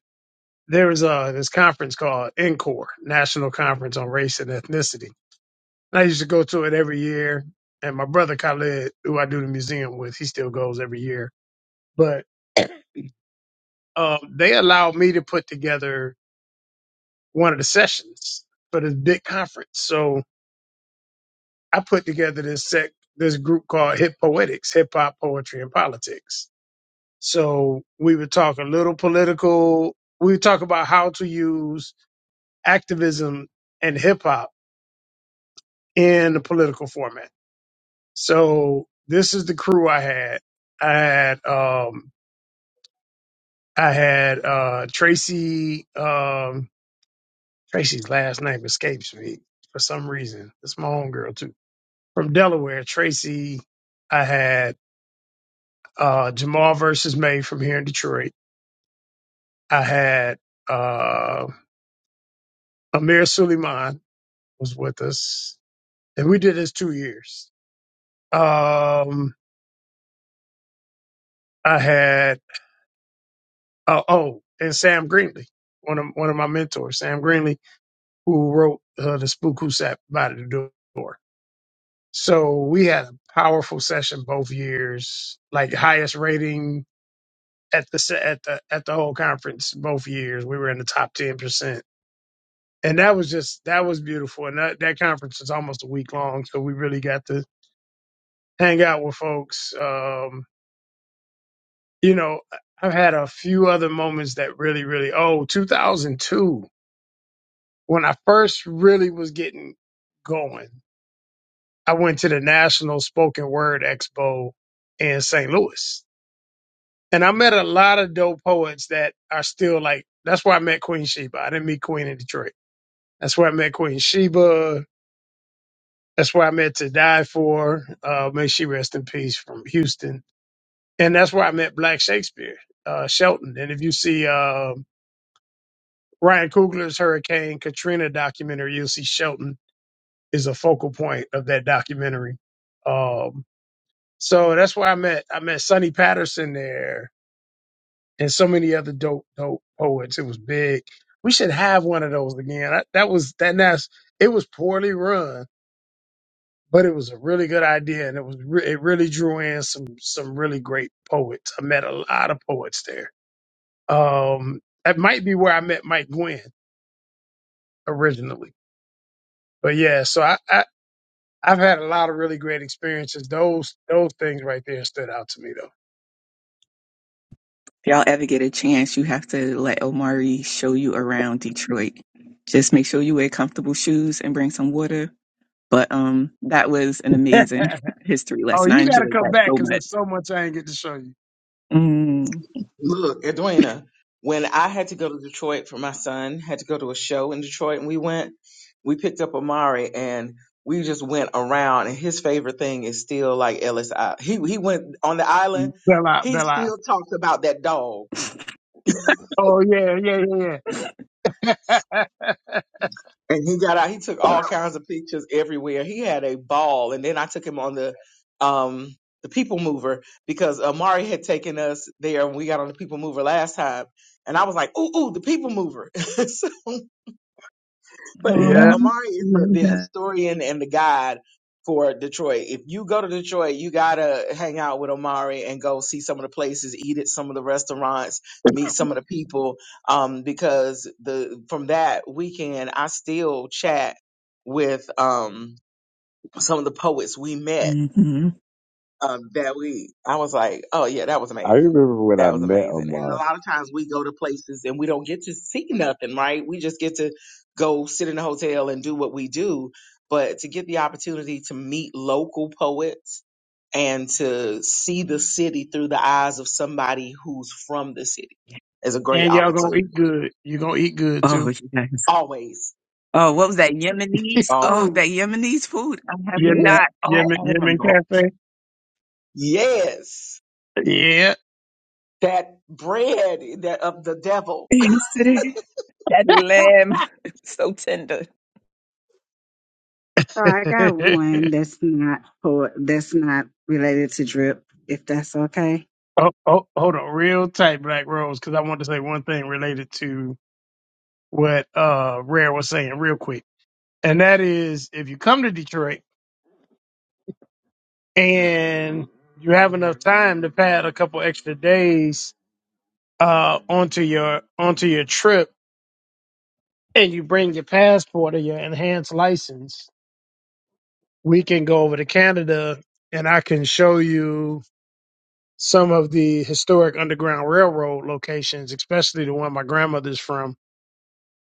Speaker 1: there was uh this conference called NCORE, National Conference on Race and Ethnicity. And I used to go to it every year. And my brother Khalid, who I do the museum with, he still goes every year. But um, they allowed me to put together one of the sessions for this big conference. So I put together this sec this group called Hip Poetics, Hip Hop Poetry and Politics So we would talk a little political. We would talk about how to use activism and hip hop in the political format. So this is the crew I had. I had um I had uh Tracy um Tracy's last name escapes me for some reason. It's my own girl too. From Delaware, Tracy I had uh Jamal versus May from here in Detroit. I had uh Amir Suleiman was with us, and we did this two years. Um, I had oh, oh, and Sam Greenley, one of one of my mentors, Sam Greenley, who wrote uh, the Spook Who Sat by the Door. So we had a powerful session both years, like highest rating at the se- at the at the whole conference both years. We were in the top ten percent. And that was just that was beautiful, and that, that conference was almost a week long, so we really got to hang out with folks. Um, you know, I've had a few other moments that really, really, oh, 2002, when I first really was getting going, I went to the National Spoken Word Expo in St. Louis. And I met a lot of dope poets that are still like, that's where I met Queen Sheba. I didn't meet Queen in Detroit. That's where I met Queen Sheba. That's where I met To Die For. Uh, may she rest in peace from Houston. And that's where I met Black Shakespeare, uh, Shelton. And if you see, um, Ryan Coogler's Hurricane Katrina documentary, you'll see Shelton is a focal point of that documentary. Um, so that's where I met I met Sonny Patterson there and so many other dope dope poets. It was big. We should have one of those again. I, that was that that's it was poorly run, but it was a really good idea and it was re- it really drew in some some really great poets. I met a lot of poets there. Um, that might be where I met Mike Gwynn originally. But yeah, so I, I I've had a lot of really great experiences. Those those things right there stood out to me though.
Speaker 7: If y'all ever get a chance, you have to let Omari show you around Detroit. Just make sure you wear comfortable shoes and bring some water. But um, that was an amazing history
Speaker 1: oh,
Speaker 7: lesson. I
Speaker 1: you got to
Speaker 7: enjoyed
Speaker 1: come
Speaker 7: that
Speaker 1: back
Speaker 7: so
Speaker 1: because
Speaker 7: much.
Speaker 1: there's so much I ain't get to show you.
Speaker 7: Mm.
Speaker 5: Look, Edwina, when I had to go to Detroit for my son, had to go to a show in Detroit, and we went, we picked up Amari and we just went around. And his favorite thing is still like Ellis. Island. He he went on the island.
Speaker 1: Bell out,
Speaker 5: He
Speaker 1: bell out.
Speaker 5: still talks about that dog.
Speaker 1: Oh yeah, yeah, yeah, yeah.
Speaker 5: And he got out. He took all kinds of pictures everywhere. He had a ball. And then I took him on the um the People Mover because Amari had taken us there. and We got on the People Mover last time, and I was like, "Ooh, ooh, the People Mover." But yeah,
Speaker 7: Oh,
Speaker 1: yeah,
Speaker 5: Amari
Speaker 7: I
Speaker 5: is the,
Speaker 7: love
Speaker 5: the
Speaker 7: that.
Speaker 5: historian and the guide for Detroit. If you go to Detroit, you gotta hang out with Amari and go see some of the places, eat at some of the restaurants, meet some of the people. Um, because the from that weekend, I still chat with um some of the poets we met
Speaker 7: hmm
Speaker 5: um, that we, I was like, oh yeah, that was
Speaker 3: I
Speaker 5: amazing.
Speaker 3: remember when I
Speaker 5: That was
Speaker 3: met
Speaker 5: amazing. And
Speaker 3: Ahmad,
Speaker 5: a lot of times we go to places and we don't get to see nothing, right? We just get to go sit in a hotel and do what we do. But to get the opportunity to meet local poets and to see the city through the eyes of somebody who's from the city is a great
Speaker 1: and y'all gonna
Speaker 5: opportunity.
Speaker 1: eat good. You gonna eat good
Speaker 7: Oh
Speaker 1: too.
Speaker 7: yes.
Speaker 5: Always,
Speaker 7: Oh, what was that Yemenis? Oh,
Speaker 5: always.
Speaker 7: that
Speaker 6: Um,
Speaker 7: Yemenis food. I have
Speaker 5: Ooh,
Speaker 1: Yemen,
Speaker 7: not. Oh,
Speaker 1: Yemen,
Speaker 7: oh my
Speaker 1: Yemen
Speaker 7: God.
Speaker 1: Cafe.
Speaker 5: yes.
Speaker 1: Yeah.
Speaker 5: That bread that of the devil.
Speaker 7: Yes, it is. That lamb, so tender.
Speaker 6: so I got one that's not for that's not related to drip, if that's okay.
Speaker 1: Oh, oh, hold on, real tight, Black Rose, because I want to say one thing related to what uh Rare was saying, real quick, and that is if you come to Detroit and you have enough time to pad a couple extra days uh onto your onto your trip, and you bring your passport or your enhanced license, we can go over to Canada and I can show you some of the historic Underground Railroad locations, especially the one my grandmother's from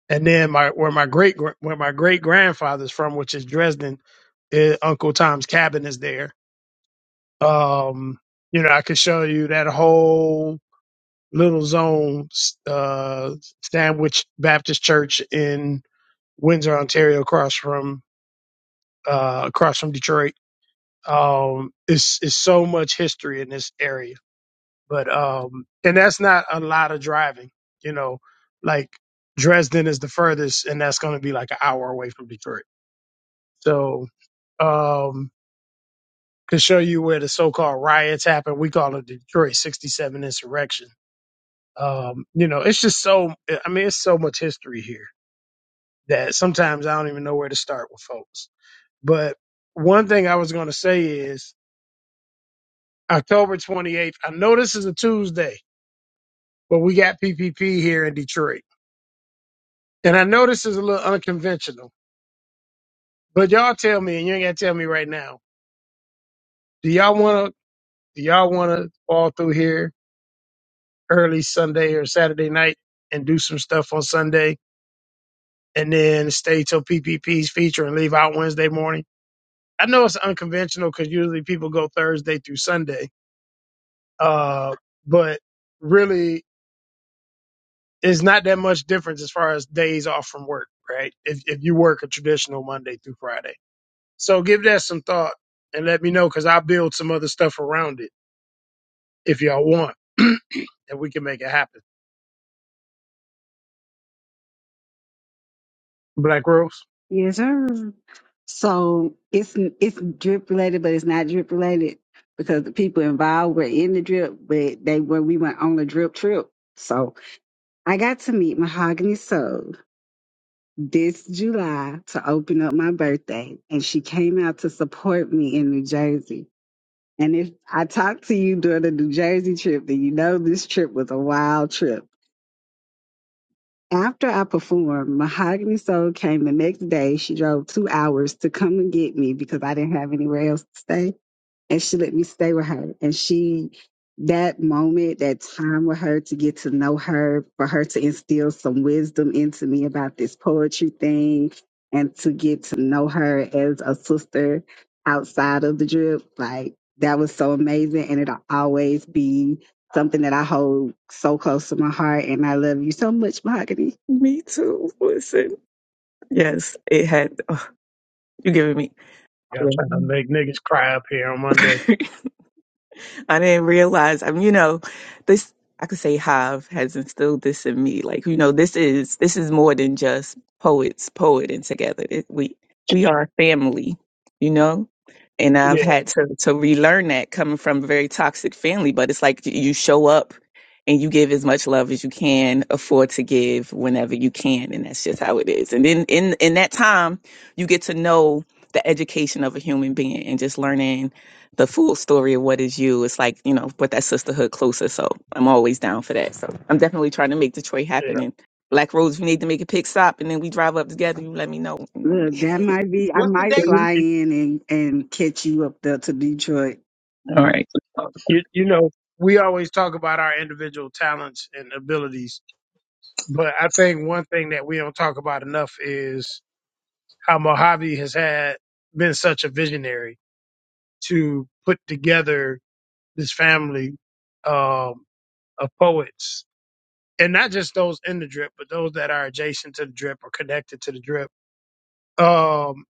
Speaker 1: And then my where my great where my great grandfather's from, which is Dresden, is Uncle Tom's cabin is there. Um, you know, I could show you that whole little zone, uh, Sandwich Baptist Church in Windsor, Ontario, across from uh, across from Detroit. Um, it's it's so much history in this area, but um, and that's not a lot of driving. You know, like Dresden is the furthest, and that's going to be like an hour away from Detroit. So um, could show you where the so-called riots happened. We call it the Detroit '67 insurrection. Um, you know, it's just so. I mean, it's so much history here that sometimes I don't even know where to start with folks. But one thing I was going to say is October 28th. I know this is a Tuesday, but we got PPP here in Detroit, and I know this is a little unconventional. But y'all tell me, and you ain't got to tell me right now. Do y'all want to? Do y'all want to fall through here? early Sunday or Saturday night and do some stuff on Sunday and then stay till PPP's feature and leave out Wednesday morning. I know it's unconventional because usually people go Thursday through Sunday, uh, but really it's not that much difference as far as days off from work, right? If, if you work a traditional Monday through Friday. So give that some thought and let me know because I'll build some other stuff around it if y'all want and we can make it happen. Black Rose,
Speaker 6: Yes, sir. So it's it's drip related, but it's not drip related because the people involved were in the drip, but they were we went on a drip trip. So I got to meet Mahogany Soul this July to open up my birthday, and she came out to support me in New Jersey. And if I talked to you during the New Jersey trip, then you know this trip was a wild trip. After I performed, Mahogany Soul came the next day. She drove two hours to come and get me because I didn't have anywhere else to stay. And she let me stay with her. And she, that moment, that time with her to get to know her, for her to instill some wisdom into me about this poetry thing and to get to know her as a sister outside of the drip, like that was so amazing. And it'll always be something that I hold so close to my heart. And I love you so much, Mahogany.
Speaker 7: Me too. Listen. Yes, it had. you giving me.
Speaker 1: y'all trying to
Speaker 7: Yeah.
Speaker 1: make niggas cry up here on Monday.
Speaker 7: I didn't realize. I mean, you know, this I could say Hive has instilled this in me. Like, you know, this is this is more than just poets poeting together. It, we we are a family, you know. And I've
Speaker 1: yeah.
Speaker 7: had to to relearn that coming from a very toxic family. But it's like you show up and you give as much love as you can afford to give whenever you can, and that's just how it is. And then in in that time, you get to know the education of a human being and just learning the full story of what is you it's like you know but that sisterhood closer so i'm always down for that so i'm definitely trying to make detroit happen
Speaker 1: Yeah.
Speaker 7: and black Rose, if you need to make a pit stop and then we drive up together you let me know you know what I
Speaker 6: Look,
Speaker 7: mean?
Speaker 6: that might be. I
Speaker 5: What's the
Speaker 6: might
Speaker 1: Well,
Speaker 5: date?
Speaker 6: fly
Speaker 1: You,
Speaker 6: in and and catch you up there to Detroit.
Speaker 7: All right.
Speaker 1: you, you know, we always talk about our individual talents and abilities, but I think one thing that we don't talk about enough is how Mojave has had been such a visionary to put together this family um, of poets, and not just those in the drip, but those that are adjacent to the drip or connected to the drip. Um,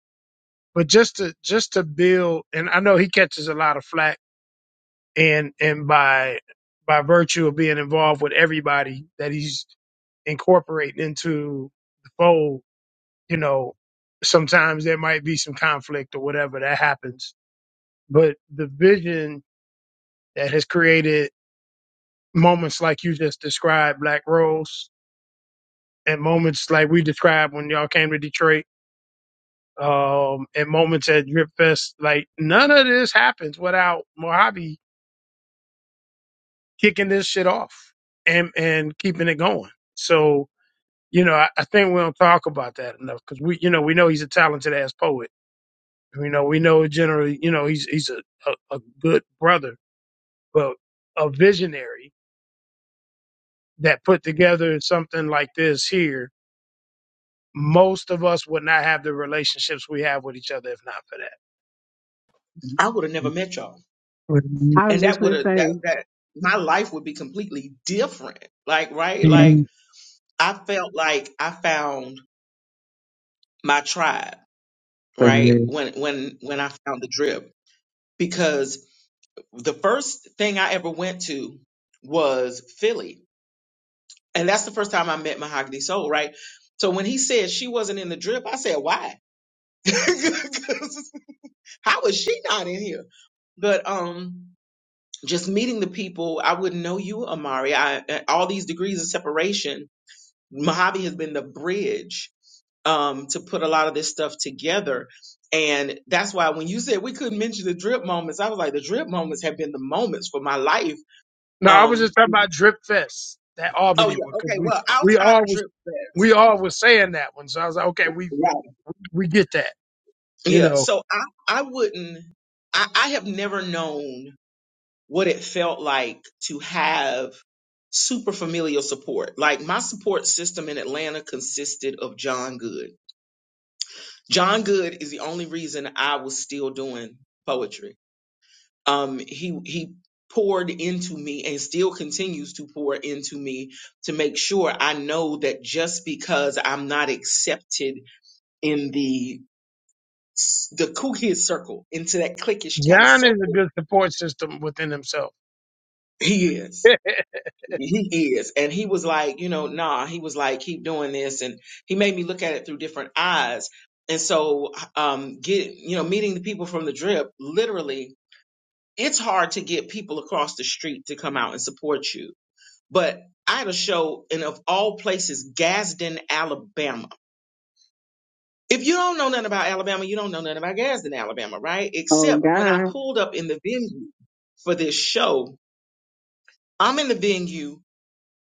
Speaker 1: but just to just to build, and I know he catches a lot of flack and and by by virtue of being involved with everybody that he's incorporating into the fold, you know, sometimes there might be some conflict or whatever that happens. But the vision that has created moments like you just described, Black Rose, and moments like we described when y'all came to Detroit, um, and moments at Drip Fest, like none of this happens without Mojave kicking this shit off and and keeping it going. So You know, I, I think we don't talk about that enough because we, you know, we know he's a talented ass poet. You know, we know generally, you know, he's he's a, a, a good brother, but a visionary that put together something like this here, most of us would not have the relationships we have with each other if not for that.
Speaker 5: I would have never met y'all.
Speaker 6: I was
Speaker 5: and
Speaker 6: just
Speaker 5: that would
Speaker 6: gonna
Speaker 5: have
Speaker 6: say,
Speaker 5: that that my life would be completely different like right like i felt like i found my tribe right when when when i found the drip because the first thing i ever went to was philly and that's the first time i met mahogany soul right so when he said she wasn't in the drip i said why 'Cause how is she not in here but um just meeting the people i wouldn't know you amari i all these degrees of separation Mojave has been the bridge um, to put a lot of this stuff together. And that's why when you said we couldn't mention the drip moments, I was like, the drip moments have been the moments for my life.
Speaker 1: No, I was
Speaker 5: Um,
Speaker 1: just talking about Drip Fest, that
Speaker 5: oh,
Speaker 1: Albany one,
Speaker 5: yeah.
Speaker 1: because
Speaker 5: Okay.
Speaker 1: we
Speaker 5: Well,
Speaker 1: we
Speaker 5: outside of
Speaker 1: always
Speaker 5: Drip Fest.
Speaker 1: we all was saying that one. So I was like, okay, we
Speaker 5: Right.
Speaker 1: we get that. You
Speaker 5: Yeah.
Speaker 1: know,
Speaker 5: So I, I wouldn't, I, I have never known what it felt like to have super familial support. Like my support system in Atlanta consisted of John Good. John Good is the only reason I was still doing poetry. Um, he he poured into me and still continues to pour into me to make sure I know that just because I'm not accepted in the the cool kid circle, into that cliquish kind of
Speaker 1: John is a
Speaker 5: circle,
Speaker 1: good support system within himself.
Speaker 5: he is. He is. And he was like, you know, nah, he was like, keep doing this. And he made me look at it through different eyes. And so, um, get, you know, meeting the people from the drip literally it's hard to get people across the street to come out and support you. But I had a show in, of all places, Gadsden, Alabama. If you don't know nothing about Alabama, you don't know nothing about Gadsden, Alabama, right?
Speaker 6: oh
Speaker 5: Except when I
Speaker 6: God,
Speaker 5: pulled up in the venue for this show, I'm in the venue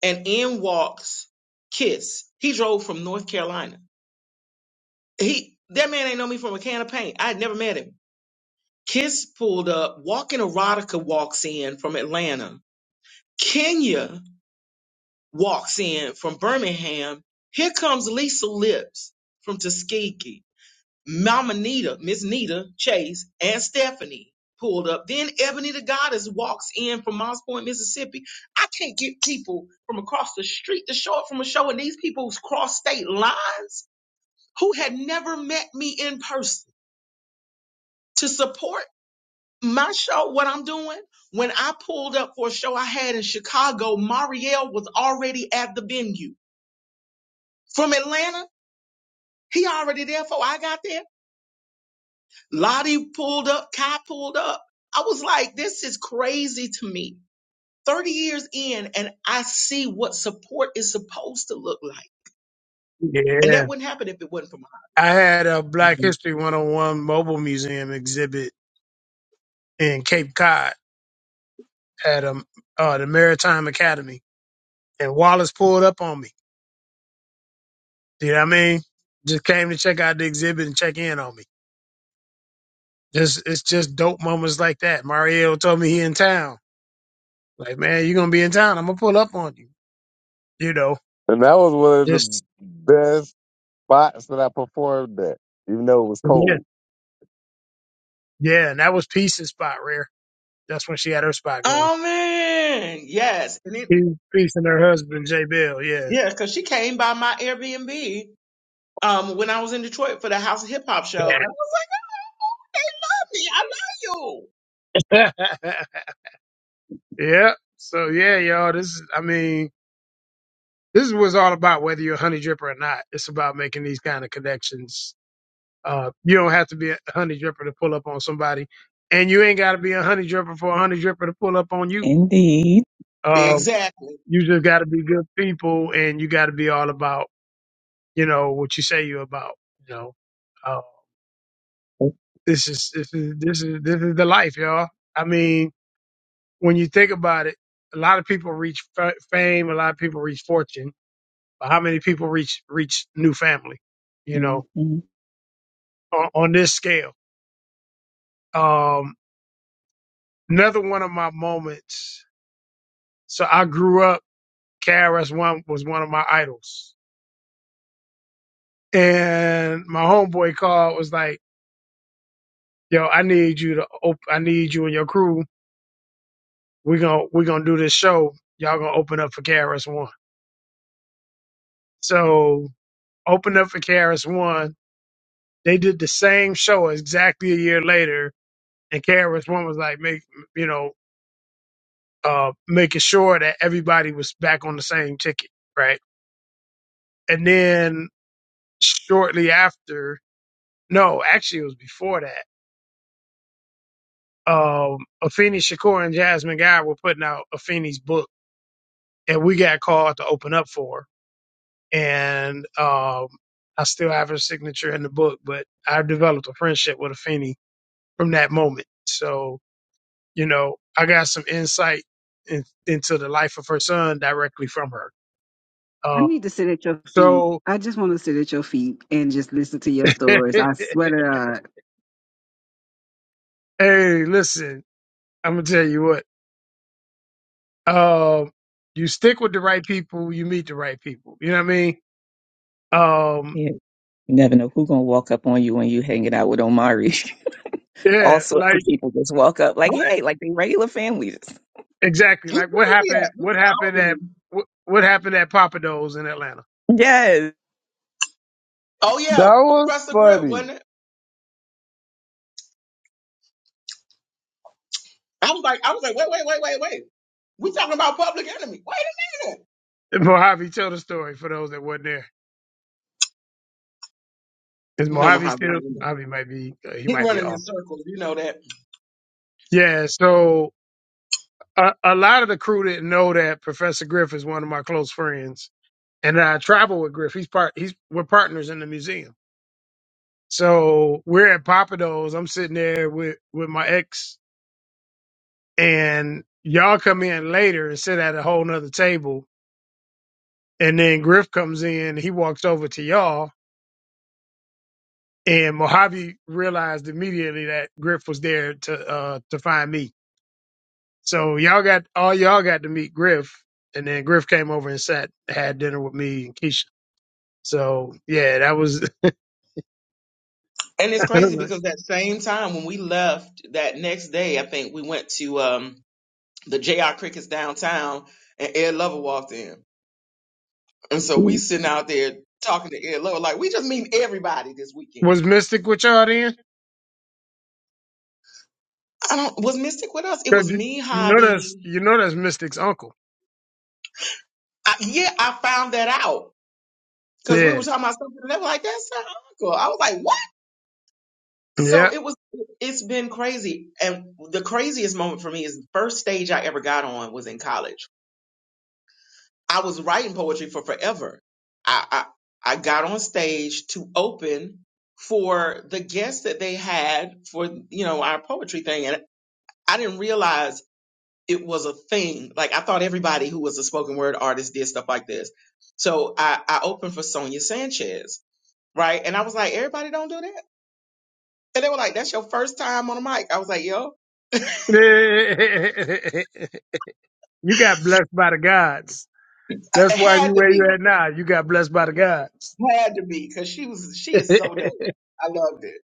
Speaker 5: and in walks Kiss. He drove from North Carolina. He that man ain't know me from a can of paint. I had never met him. Kiss pulled up, Walking Erotica walks in from Atlanta. Kenya walks in from Birmingham. Here comes Lisa Lips from Tuskegee. Mama Nita, Miss Nita Chase, and Stephanie pulled up. Then Ebony the Goddess walks in from Moss Point, Mississippi. I can't get people from across the street to show up from a show, and these people cross state lines who had never met me in person to support my show, what I'm doing. When I pulled up for a show I had in Chicago, Marielle was already at the venue from Atlanta. He already there before I got there. Lottie pulled up, Kai pulled up. I was like, this is crazy to me. 30 years in, and I see what support is supposed to look like. And
Speaker 1: yeah,
Speaker 5: that wouldn't happen if it wasn't for my.
Speaker 1: I had a Black History 101 mobile museum exhibit in Cape Cod at um, uh, the Maritime Academy, and Wallace pulled up on me. You know what I mean? Just came to check out the exhibit and check in on me. Just it's just dope moments like that. Mario told me he in town. Like, man, you are gonna be in town. I'm gonna pull up on you. You know,
Speaker 3: and that was one of the
Speaker 1: just
Speaker 3: best spots that I performed at, even though it was
Speaker 1: yeah,
Speaker 3: cold.
Speaker 1: yeah. And that was Peace and Spot Rare. That's when she had her spot going.
Speaker 5: Oh man, yes. And it
Speaker 1: Peace Peace and her husband Jay Bill. Yeah,
Speaker 5: yeah, because she came by my Airbnb um when I was in Detroit for the House of Hip Hop show. And I was like, they love me. I love you.
Speaker 1: yeah. Yeah. So yeah, y'all, this is I mean, this is what it's all about, whether you're a honey dripper or not. It's about making these kind of connections. Uh you don't have to be a honey dripper to pull up on somebody. And you ain't gotta be a honey dripper for a honey dripper to pull up on you.
Speaker 7: Indeed.
Speaker 1: Uh
Speaker 5: Exactly.
Speaker 1: you just gotta be good people and you gotta be all about, you know, what you say you're about, you know. Uh this is this is this is this is the life, y'all. I mean, when you think about it, a lot of people reach fa- fame, a lot of people reach fortune But how many people reach reach new family? You know,
Speaker 7: Mhm.
Speaker 1: on, on this scale. Um, another one of my moments. So I grew up. Kara's one was one of my idols, and my homeboy called was like, "Yo, I need you to op- I need you and your crew. We are gonna we are gonna do this show. Y'all gonna open up for Kara's one." So opened up for Kara's one. They did the same show exactly a year later, and Kara's one was like, "Make you know." uh, making sure that everybody was back on the same ticket, right? And then shortly after, no, actually it was before that. Um, Afeni Shakur and Jasmine Guy were putting out Afeni's book, and we got called to open up for her. And um, I still have her signature in the book, but I developed a friendship with Afeni from that moment. So you know, I got some insight in, into the life of her son directly from her.
Speaker 6: I
Speaker 1: Uh,
Speaker 6: need to sit at your feet.
Speaker 1: so
Speaker 6: I just want to sit at your feet and just listen to your stories. I swear to God,
Speaker 1: Hey, listen, I'm gonna tell you what. Um, you stick with the right people, you meet the right people. You know what I mean? Um,
Speaker 7: Yeah. You never know who's gonna walk up on you when you hanging out with Omari. All
Speaker 1: yeah,
Speaker 7: sorts
Speaker 1: like
Speaker 7: of people just walk up like,
Speaker 5: What?
Speaker 7: hey, like they regular families.
Speaker 1: exactly.
Speaker 5: Where
Speaker 1: Like what
Speaker 5: were we
Speaker 1: happened?
Speaker 5: at. We
Speaker 1: What happened
Speaker 5: were in
Speaker 1: at
Speaker 5: Albany.
Speaker 1: what, what happened at Papados in Atlanta?
Speaker 7: Yes.
Speaker 5: Oh
Speaker 3: That
Speaker 5: yeah,
Speaker 3: was
Speaker 5: Professor Grip, wasn't
Speaker 3: funny.
Speaker 5: it? I was like, I was like, wait, wait, wait, wait, wait. We talking about public enemy. Wait a minute.
Speaker 1: And Mojave, tell the story for those that weren't there. Is
Speaker 5: You know,
Speaker 1: Mojave
Speaker 5: Muhammad
Speaker 1: still?
Speaker 5: Ali.
Speaker 1: Mojave might be. Uh, he
Speaker 5: He
Speaker 1: might be
Speaker 5: running in
Speaker 1: off.
Speaker 5: circles, you know that.
Speaker 1: Yeah. So a, a lot of the crew didn't know that Professor Griff is one of my close friends, and I travel with Griff. He's part. He's we're partners in the museum. So we're at Papados. I'm sitting there with, with my ex and y'all come in later and sit at a whole nother table. And then Griff comes in, he walks over to y'all and Mojave realized immediately that Griff was there to, uh, to find me. So y'all got, all y'all got to meet Griff and then Griff came over and sat, had dinner with me and Keisha. So yeah, that was,
Speaker 5: And it's crazy because that same time when we left that next day, I think we went to um the JR Crickets downtown and Ed Lover walked in. And so we sitting out there talking to Ed Lover, like we just meet everybody this weekend.
Speaker 1: was Mystic with y'all then?
Speaker 5: I don't was Mystic with us? It
Speaker 1: 'Cause
Speaker 5: was
Speaker 1: you,
Speaker 5: me,
Speaker 1: you know that's,
Speaker 5: Hobby.
Speaker 1: you know that's Mystic's uncle.
Speaker 5: I, yeah, I found that out. Cause we
Speaker 1: Yeah.
Speaker 5: were talking about something and they were like, that's her uncle. I was like, what?
Speaker 1: Yeah.
Speaker 5: So it was, it's been crazy. And the craziest moment for me is the first stage I ever got on was in college. I was writing poetry for forever. I, I, I got on stage to open for the guests that they had for, you know, our poetry thing. And I didn't realize it was a thing. Like I thought everybody who was a spoken word artist did stuff like this. So I, I opened for Sonia Sanchez, right? And I was like, everybody don't do that. And they were like, that's your first time on a mic. I was like, yo,
Speaker 1: you got blessed by the gods.
Speaker 5: It
Speaker 1: That's why you
Speaker 5: had to
Speaker 1: where
Speaker 5: be.
Speaker 1: you at now. You got blessed by the gods.
Speaker 5: Had to be, because she was she is so dope. I loved it.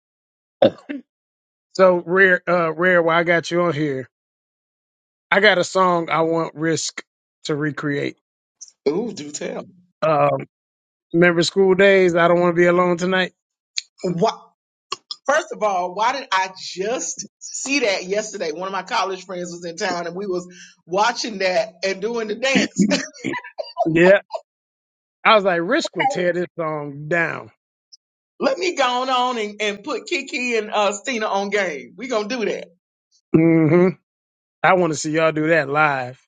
Speaker 1: so rare, uh, rare. Why I got you on here? I got a song I want Risk to recreate.
Speaker 5: Ooh, do tell.
Speaker 1: Um, remember school days? I don't want to be alone tonight.
Speaker 5: What first of all, why did I just see that yesterday? One of my college friends was in town and we was watching that and doing the dance.
Speaker 1: Yeah, I was like Risk would tear this song down.
Speaker 5: Let me go on and, and put Kiki and uh Stina on game. We gonna do that.
Speaker 1: hmm I want to see y'all do that live.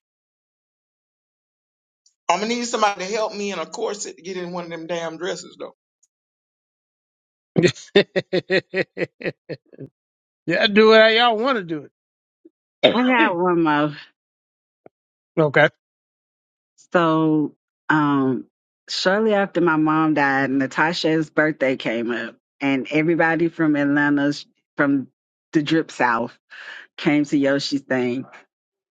Speaker 5: I'm gonna need somebody to help me in a corset to get in one of them damn dresses though.
Speaker 1: yeah, do it how y'all want to do
Speaker 6: I got
Speaker 1: it.
Speaker 6: one more.
Speaker 1: Okay.
Speaker 6: So, um, shortly after my mom died, Natasha's birthday came up, and everybody from Atlanta, from the drip south, came to Yoshi's thing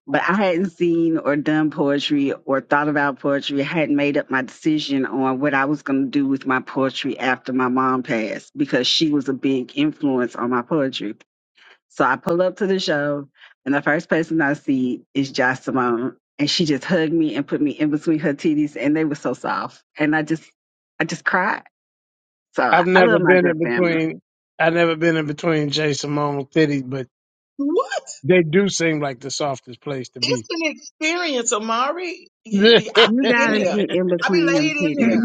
Speaker 6: but I hadn't seen or done poetry or thought about poetry. I hadn't made up my decision on what I was going to do with my poetry after my mom passed because she was a big influence on my poetry. So I pull up to the show, and the first person I see is Josh Simone, and she just hugged me and put me in between her titties, and they were so soft, and I just, I just cried. So
Speaker 1: I've
Speaker 6: I
Speaker 1: never
Speaker 6: love my
Speaker 1: been
Speaker 6: drip
Speaker 1: in
Speaker 6: family.
Speaker 1: between. I've never been in between Jason Momoa titties, but
Speaker 5: What?
Speaker 1: they do seem like the softest place to
Speaker 5: It's
Speaker 1: be.
Speaker 5: an experience, Amari. Y-
Speaker 1: I
Speaker 5: y- I
Speaker 6: You
Speaker 5: be in
Speaker 6: gotta
Speaker 5: there.
Speaker 6: get in
Speaker 5: I be
Speaker 6: between them
Speaker 5: laid in there.
Speaker 6: titties.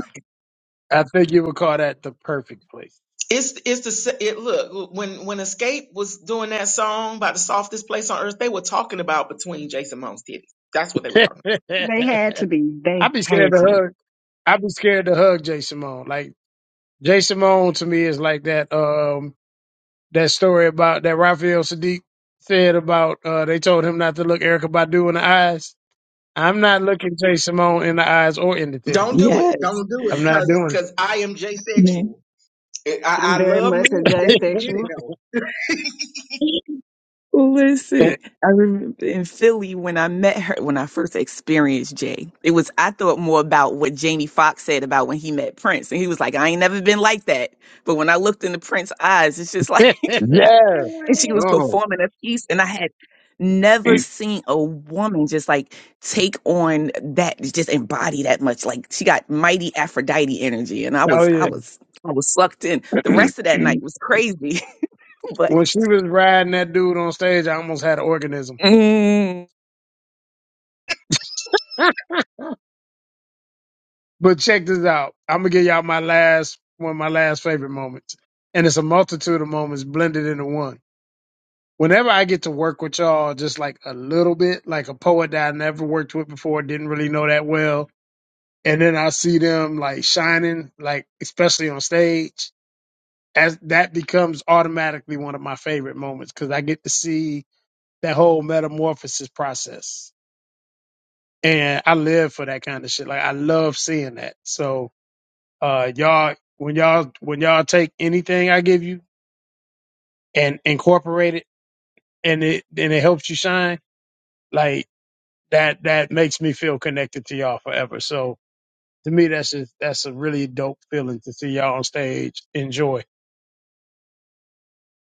Speaker 1: think you would call that the perfect place.
Speaker 5: It's it's the sa- it look when when Escape was doing that song about the softest place on earth, they were talking about between Jason Momoa's titties. That's what they were talking
Speaker 6: They had to be. They
Speaker 1: I'd be scared
Speaker 6: had
Speaker 1: to
Speaker 6: to.
Speaker 1: hug. I'd be scared to hug Jason Momoa. Like Jason Momoa to me is like that. Um, that story about that Raphael Sadiq said about uh, they told him not to look Erica Badu in the eyes. I'm not looking Jason Momoa in the eyes or in the
Speaker 5: about.
Speaker 1: titties.
Speaker 5: Don't do it.
Speaker 7: Yes.
Speaker 5: Don't do it,
Speaker 1: I'm not
Speaker 5: cause
Speaker 1: doing
Speaker 5: cause I am
Speaker 7: Man.
Speaker 5: J-sexual. I, I
Speaker 6: I'm
Speaker 5: I
Speaker 6: very
Speaker 5: love
Speaker 6: much
Speaker 5: men.
Speaker 6: a J
Speaker 5: Jay can get
Speaker 6: sexual.
Speaker 5: it though.
Speaker 1: it.
Speaker 7: Listen, I remember in Philly when I met her, when I first experienced Jay, it was, I thought more about what Jamie Foxx said about when he met Prince. And he was like, I ain't never been like that. But when I looked into Prince's eyes, it's just like,
Speaker 3: Yes.
Speaker 7: and she
Speaker 1: oh
Speaker 7: was
Speaker 3: Oh,
Speaker 7: performing a piece, and I had never seen a woman just like take on that, just embody that much. Like she got mighty Aphrodite energy. And I was, I
Speaker 1: yeah.
Speaker 7: was, I was sucked in. The rest of that night was crazy, but.
Speaker 1: When she was riding that dude on stage, I almost had an organism.
Speaker 7: mm.
Speaker 1: But check this out. I'm gonna give y'all my last one of my last favorite moments. And it's a multitude of moments blended into one. Whenever I get to work with y'all just like a little bit, like a poet that I never worked with before, didn't really know that well. And then I see them like shining, like especially on stage, as that becomes automatically one of my favorite moments because I get to see that whole metamorphosis process. And I live for that kind of shit. Like I love seeing that. So uh y'all when y'all when y'all take anything I give you and incorporate it and it and it helps you shine, like that that makes me feel connected to y'all forever. So to me that's just that's a really dope feeling to see y'all on stage enjoy.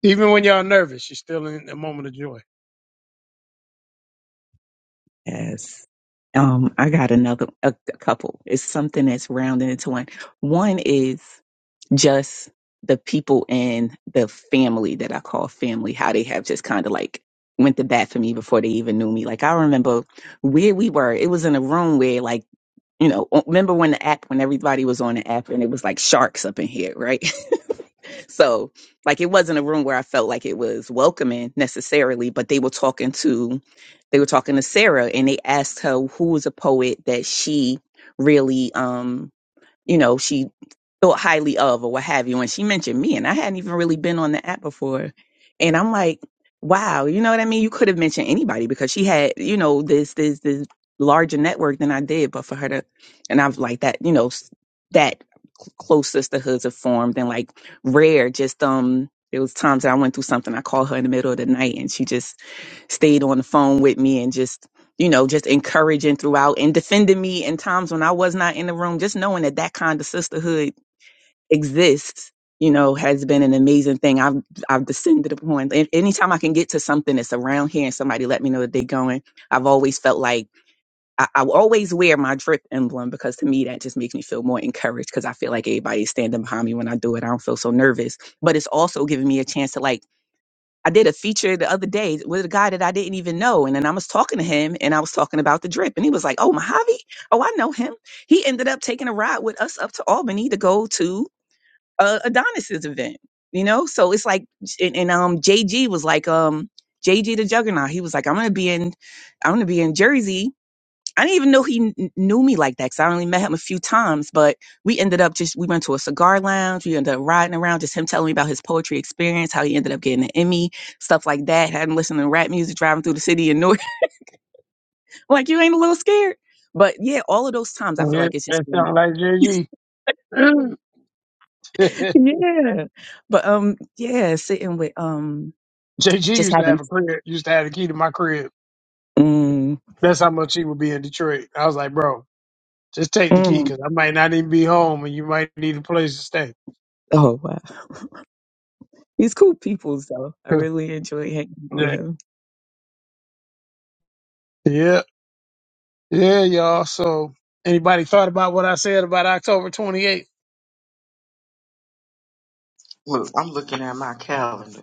Speaker 1: Even when y'all nervous, you're still in a moment of joy.
Speaker 7: Yes. Um, I got another a, a couple. It's something that's rounded into one. One is just the people in the family that I call family, how they have just kind of like went to bat for me before they even knew me. Like I remember where we were. It was in a room where like, you know, remember when the app when everybody was on the app and it was like sharks up in here, right? so like it wasn't a room where I felt like it was welcoming necessarily, but they were talking to they were talking to Sarah and they asked her who was a poet that she really um you know, she thought highly of or what have you. And she mentioned me, and I hadn't even really been on the app before. And I'm like, wow, you know what I mean? You could have mentioned anybody because she had, you know, this, this, this larger network than I did. But for her to, and I've like that, you know, s- that cl- close sisterhoods have formed and like rare, just, um, there was times that I went through something. I called her in the middle of the night and she just stayed on the phone with me and just you know, just encouraging throughout and defending me in times when I was not in the room. Just knowing that that kind of sisterhood exists, you know, has been an amazing thing. I've I've descended upon. And anytime I can get to something that's around here and somebody let me know that they're going, I've always felt like I, I will always wear my drip emblem because to me that just makes me feel more encouraged because I feel like everybody's standing behind me when I do it. I don't feel so nervous, but it's also giving me a chance to like I did a feature the other day with a guy that I didn't even know. And then I was talking to him and I was talking about the drip. And he was like, Oh, Mojave? Oh, I know him. He ended up taking a ride with us up to Albany to go to uh, Adonis's event, you know? So it's like, and, and um, JG was like, um, JG the Juggernaut. He was like, I'm going to be in, I'm going to be in Jersey I didn't even know he kn- knew me like that because I only met him a few times. But we ended up just we went to a cigar lounge. We ended up riding around, just him telling me about his poetry experience, how he ended up getting an Emmy, stuff like that. Hadn't listened to rap music driving through the city in North. like you ain't a little scared, but yeah, all of those times I feel
Speaker 1: Yeah,
Speaker 7: like it's just
Speaker 1: that
Speaker 7: been
Speaker 1: sounds like JG.
Speaker 7: yeah. But um, yeah, sitting with um,
Speaker 1: JG
Speaker 7: just
Speaker 1: used to have
Speaker 7: having.
Speaker 1: a crib, used to have the key to my crib.
Speaker 7: Mm,
Speaker 1: That's how much he would be in Detroit. I was like, bro, just take the key
Speaker 7: mm.
Speaker 1: because I might not even be home and you might need a place to stay.
Speaker 7: Oh wow, he's cool people. So I really enjoy hanging out with
Speaker 1: yeah.
Speaker 7: him.
Speaker 1: Yeah. Yeah, y'all. So anybody thought about what I said about October 28th?
Speaker 5: Look, I'm looking at my calendar.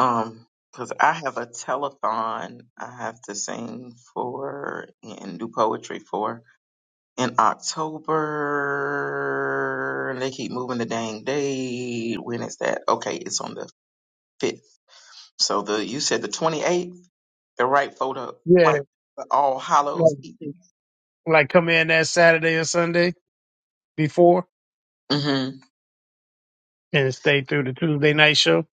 Speaker 5: Um, cause I have a telethon I have to sing for and do poetry for. in October. And they keep moving the dang date. When is that? Okay, it's on the fifth. So the you said the twenty eighth, the right for the
Speaker 1: Yeah.
Speaker 5: right for All Hallows Eve.
Speaker 1: Like, like come in that Saturday or Sunday before
Speaker 5: hmm
Speaker 1: and stay through the Tuesday night show.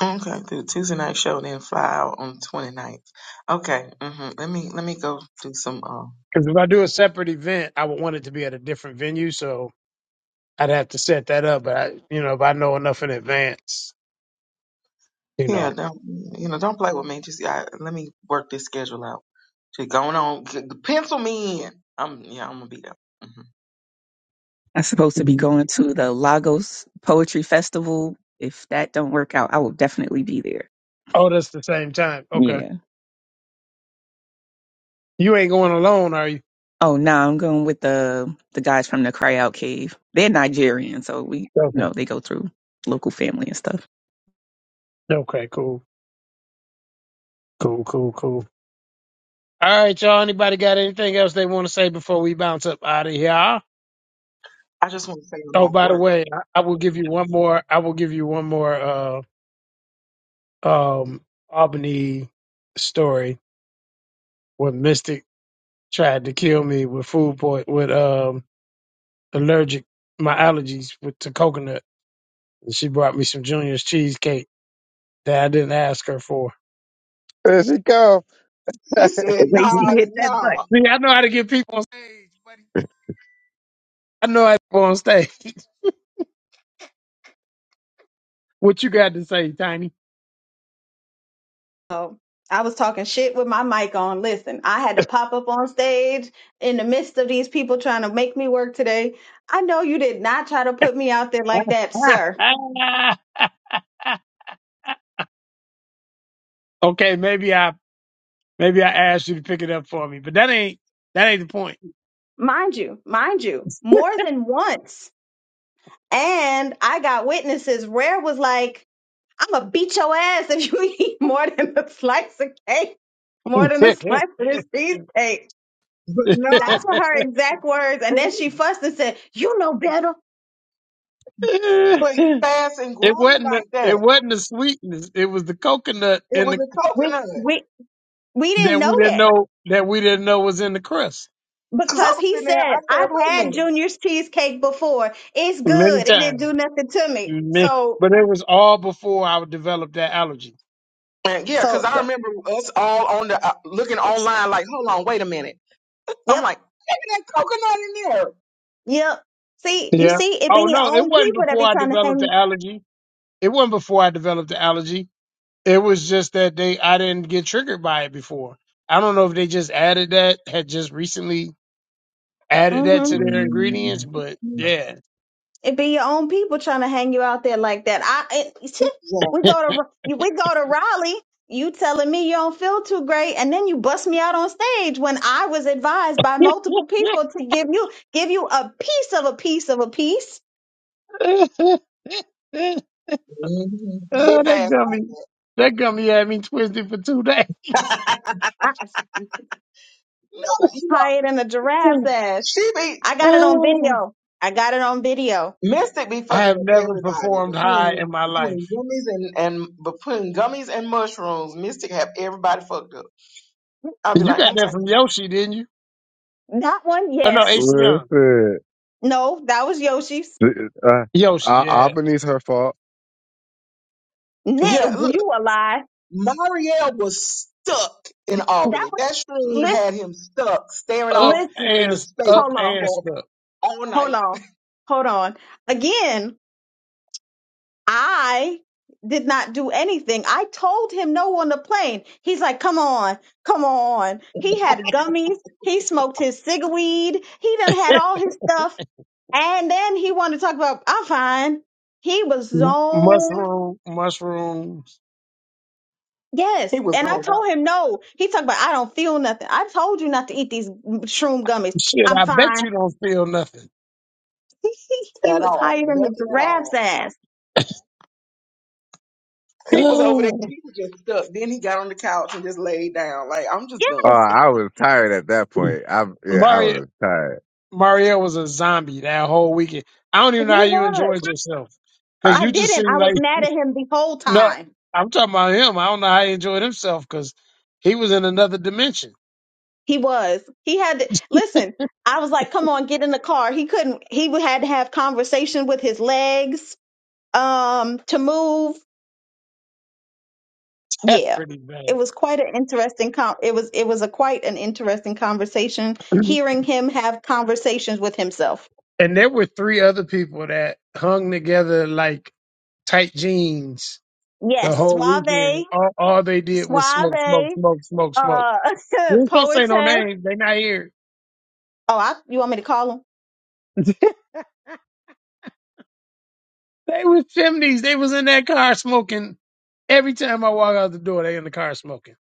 Speaker 5: Okay, do the Tuesday night show, then fly out on the twenty ninth. Okay. hmm Let me let me go do some. Uh,
Speaker 1: Because if I do a separate event, I would want it to be at a different venue. So I'd have to set that up. But, I, you know, if I know enough in advance, you know.
Speaker 5: yeah, don't you know? Don't play with me. Just I, let me work this schedule out. Just going on. g- Pencil me in. I'm yeah. I'm gonna be there. hmm
Speaker 7: I'm supposed to be
Speaker 1: Mhm.
Speaker 7: going to the Lagos Poetry Festival. If that don't work out, I will definitely be there.
Speaker 1: Oh, that's the same time. Okay.
Speaker 7: Yeah.
Speaker 1: You ain't going alone, are you?
Speaker 7: Oh no, I'm going with the the guys from the Cry Out Cave. They're Nigerian, so we you
Speaker 1: Okay.
Speaker 7: know they go through local family and stuff.
Speaker 1: Okay, cool. Cool, cool, cool. All right, y'all. Anybody got anything else they want to say before we bounce up out of here?
Speaker 5: I just want to say I'm
Speaker 1: Oh,
Speaker 5: off
Speaker 1: by the
Speaker 5: work.
Speaker 1: way, I, I will give you one more I will give you one more uh um Albany story where Mystic tried to kill me with food point with um allergic my allergies with to coconut. And she brought me some Junior's cheesecake that I didn't ask her for.
Speaker 3: there she come.
Speaker 5: He
Speaker 7: The
Speaker 5: said, no,
Speaker 7: way she
Speaker 5: honey,
Speaker 7: hit that butt,
Speaker 5: no.
Speaker 1: See, I know how to get people on stage, buddy. I know how to get people on stage. What you got to say, Tiny?
Speaker 9: Oh, I was talking shit with my mic on. Listen, I had to pop up on stage in the midst of these people trying to make me work today. I know you did not try to put me out there like that, sir.
Speaker 1: okay, maybe I maybe I asked you to pick it up for me, but that ain't that ain't the point.
Speaker 9: Mind you, mind you, more than once. And I got witnesses. Rare was like, I'm going to beat your ass if you eat more than a slice of cake, more than a
Speaker 1: it
Speaker 9: slice of this cheesecake.
Speaker 5: But no,
Speaker 9: That's what her exact words. And
Speaker 5: it
Speaker 9: then she
Speaker 5: ain't.
Speaker 9: fussed and said, You know better.
Speaker 5: But he fast and grown
Speaker 1: wasn't the,
Speaker 5: like that.
Speaker 1: it wasn't the sweetness. It was the coconut
Speaker 5: It
Speaker 1: in
Speaker 5: was
Speaker 1: the
Speaker 5: a
Speaker 9: We,
Speaker 5: coconut.
Speaker 9: we, we didn't
Speaker 1: that we
Speaker 9: know
Speaker 1: didn't
Speaker 9: that.
Speaker 1: know that we didn't know was in the crust.
Speaker 5: Because I
Speaker 9: Because
Speaker 5: was
Speaker 9: he
Speaker 5: sitting there,
Speaker 9: said,
Speaker 5: I said,
Speaker 9: I've
Speaker 5: wait a
Speaker 9: had
Speaker 5: minute.
Speaker 9: Junior's cheesecake before. It's
Speaker 1: Many
Speaker 9: good. It didn't
Speaker 1: times,
Speaker 9: do nothing to me.
Speaker 1: Ma-
Speaker 9: So,
Speaker 1: but it was all before I developed that allergy.
Speaker 5: And yeah, because
Speaker 9: so,
Speaker 5: I
Speaker 9: so
Speaker 5: remember us all on the uh, looking online like, hold on, wait a minute. I'm
Speaker 9: yep,
Speaker 5: like, maybe that coconut in there.
Speaker 9: yep. See, you
Speaker 1: Yeah.
Speaker 9: see, it be
Speaker 1: Oh
Speaker 9: your
Speaker 1: no, it
Speaker 9: own
Speaker 1: wasn't
Speaker 9: people that
Speaker 1: before
Speaker 9: be
Speaker 1: I
Speaker 9: trying to
Speaker 1: developed
Speaker 9: hang.
Speaker 1: the allergy. It wasn't before I developed the allergy. It was just that they I didn't get triggered by it before. I don't know if they just added that, had just recently added that
Speaker 9: Mm-hmm.
Speaker 1: to their ingredients, but
Speaker 5: Mhm.
Speaker 1: yeah.
Speaker 9: It be your own people trying to hang you out there like that. I, it,
Speaker 5: Yeah.
Speaker 9: we go to, we go to Raleigh. You telling me you don't feel too great, and then you bust me out on stage when I was advised by multiple people to give you, give you a piece of a piece of a piece.
Speaker 1: oh,
Speaker 5: hmm He
Speaker 1: that
Speaker 5: fast
Speaker 1: gummy.
Speaker 5: like,
Speaker 1: That gummy had me twisted for two days.
Speaker 9: I,
Speaker 5: no, you know,
Speaker 9: higher than a giraffe's ass.
Speaker 5: she be,
Speaker 9: I got it on video. I got it on video.
Speaker 5: Mystic be
Speaker 1: I
Speaker 5: fucking
Speaker 1: have
Speaker 5: up
Speaker 1: never
Speaker 5: everybody
Speaker 1: performed high in
Speaker 5: between
Speaker 1: my
Speaker 5: between
Speaker 1: life.
Speaker 5: gummies and and between gummies and mushrooms. Mystic have everybody fucked up. I'll be
Speaker 1: You
Speaker 5: like,
Speaker 1: got
Speaker 5: no,
Speaker 1: that
Speaker 5: thank
Speaker 1: from
Speaker 5: you.
Speaker 1: Yoshi, didn't you?
Speaker 9: That one,
Speaker 1: Oh no,
Speaker 9: yes.
Speaker 1: AC Young.
Speaker 3: Listen,
Speaker 9: No, that was Yoshi's.
Speaker 3: uh,
Speaker 1: Yoshi,
Speaker 3: uh,
Speaker 1: yeah.
Speaker 3: Albany's her fault.
Speaker 9: Nick,
Speaker 5: Yeah, look,
Speaker 9: you a lie.
Speaker 5: Marielle was stuck in
Speaker 9: That
Speaker 5: Albany.
Speaker 9: was
Speaker 5: That shroom
Speaker 9: listen,
Speaker 5: had him stuck, staring
Speaker 1: Up
Speaker 5: off
Speaker 9: listen.
Speaker 5: into
Speaker 1: and
Speaker 5: space
Speaker 1: up
Speaker 9: Hold on,
Speaker 1: and
Speaker 5: for
Speaker 1: stuff.
Speaker 5: all
Speaker 9: hold
Speaker 5: night.
Speaker 9: on, hold on. Again, I did not do anything. I told him no on the plane. He's like, "Come on, come on." He had gummies. He smoked his cigweed. He done had all his stuff, and then he wanted to talk about. I'm fine. He was zoned
Speaker 1: Mushroom, mushroom.
Speaker 5: He
Speaker 9: Yes,
Speaker 5: was
Speaker 9: and I
Speaker 5: not
Speaker 9: told him no. He talked about I don't feel nothing. I told you not to eat these shroom gummies.
Speaker 1: Shit,
Speaker 9: I'm
Speaker 1: I bet
Speaker 9: fine.
Speaker 1: you don't feel nothing.
Speaker 5: out
Speaker 9: he
Speaker 5: at
Speaker 9: was
Speaker 5: all,
Speaker 9: higher than the
Speaker 5: nothing at
Speaker 9: giraffe's
Speaker 5: all.
Speaker 9: ass.
Speaker 5: He was over there.
Speaker 1: Oh.
Speaker 5: He was just stuck. Then he got on the couch and just laid down. Like I'm just
Speaker 3: Uh,
Speaker 5: done.
Speaker 9: Yes,
Speaker 3: I was tired at that point. I yeah, I
Speaker 1: Mario
Speaker 3: was tired.
Speaker 1: Mario was a zombie that whole weekend. I don't even know how
Speaker 9: he
Speaker 1: you
Speaker 9: was.
Speaker 1: enjoyed yourself because
Speaker 9: I
Speaker 1: you just
Speaker 9: didn't.
Speaker 1: seemed
Speaker 9: I was
Speaker 1: like
Speaker 9: mad at him the whole
Speaker 1: no.
Speaker 9: time.
Speaker 1: I'm talking about him. I don't know how he enjoyed himself because he was in another dimension.
Speaker 9: He was. He had to listen. I was like, "Come on, get in the car." He couldn't. He had to have conversation with his legs um to move.
Speaker 1: That's
Speaker 9: yeah
Speaker 1: pretty
Speaker 9: it
Speaker 1: bad.
Speaker 9: was quite an interesting com- it was it was a quite an interesting conversation
Speaker 1: And
Speaker 9: hearing him have conversations with himself
Speaker 1: there were three other people that hung together like tight jeans the
Speaker 9: yes
Speaker 1: whole
Speaker 9: suave
Speaker 1: weekend. All, all they did was smoke, smoke,
Speaker 9: suave
Speaker 1: smoke, smoke, smoke.
Speaker 9: uh
Speaker 1: We ain't supposed to say
Speaker 9: poetess
Speaker 1: no names. They not here.
Speaker 9: oh I, you want me to call him
Speaker 1: They was chimneys. They was in that car smoking. Every time I walk out the door, they in the car smoking.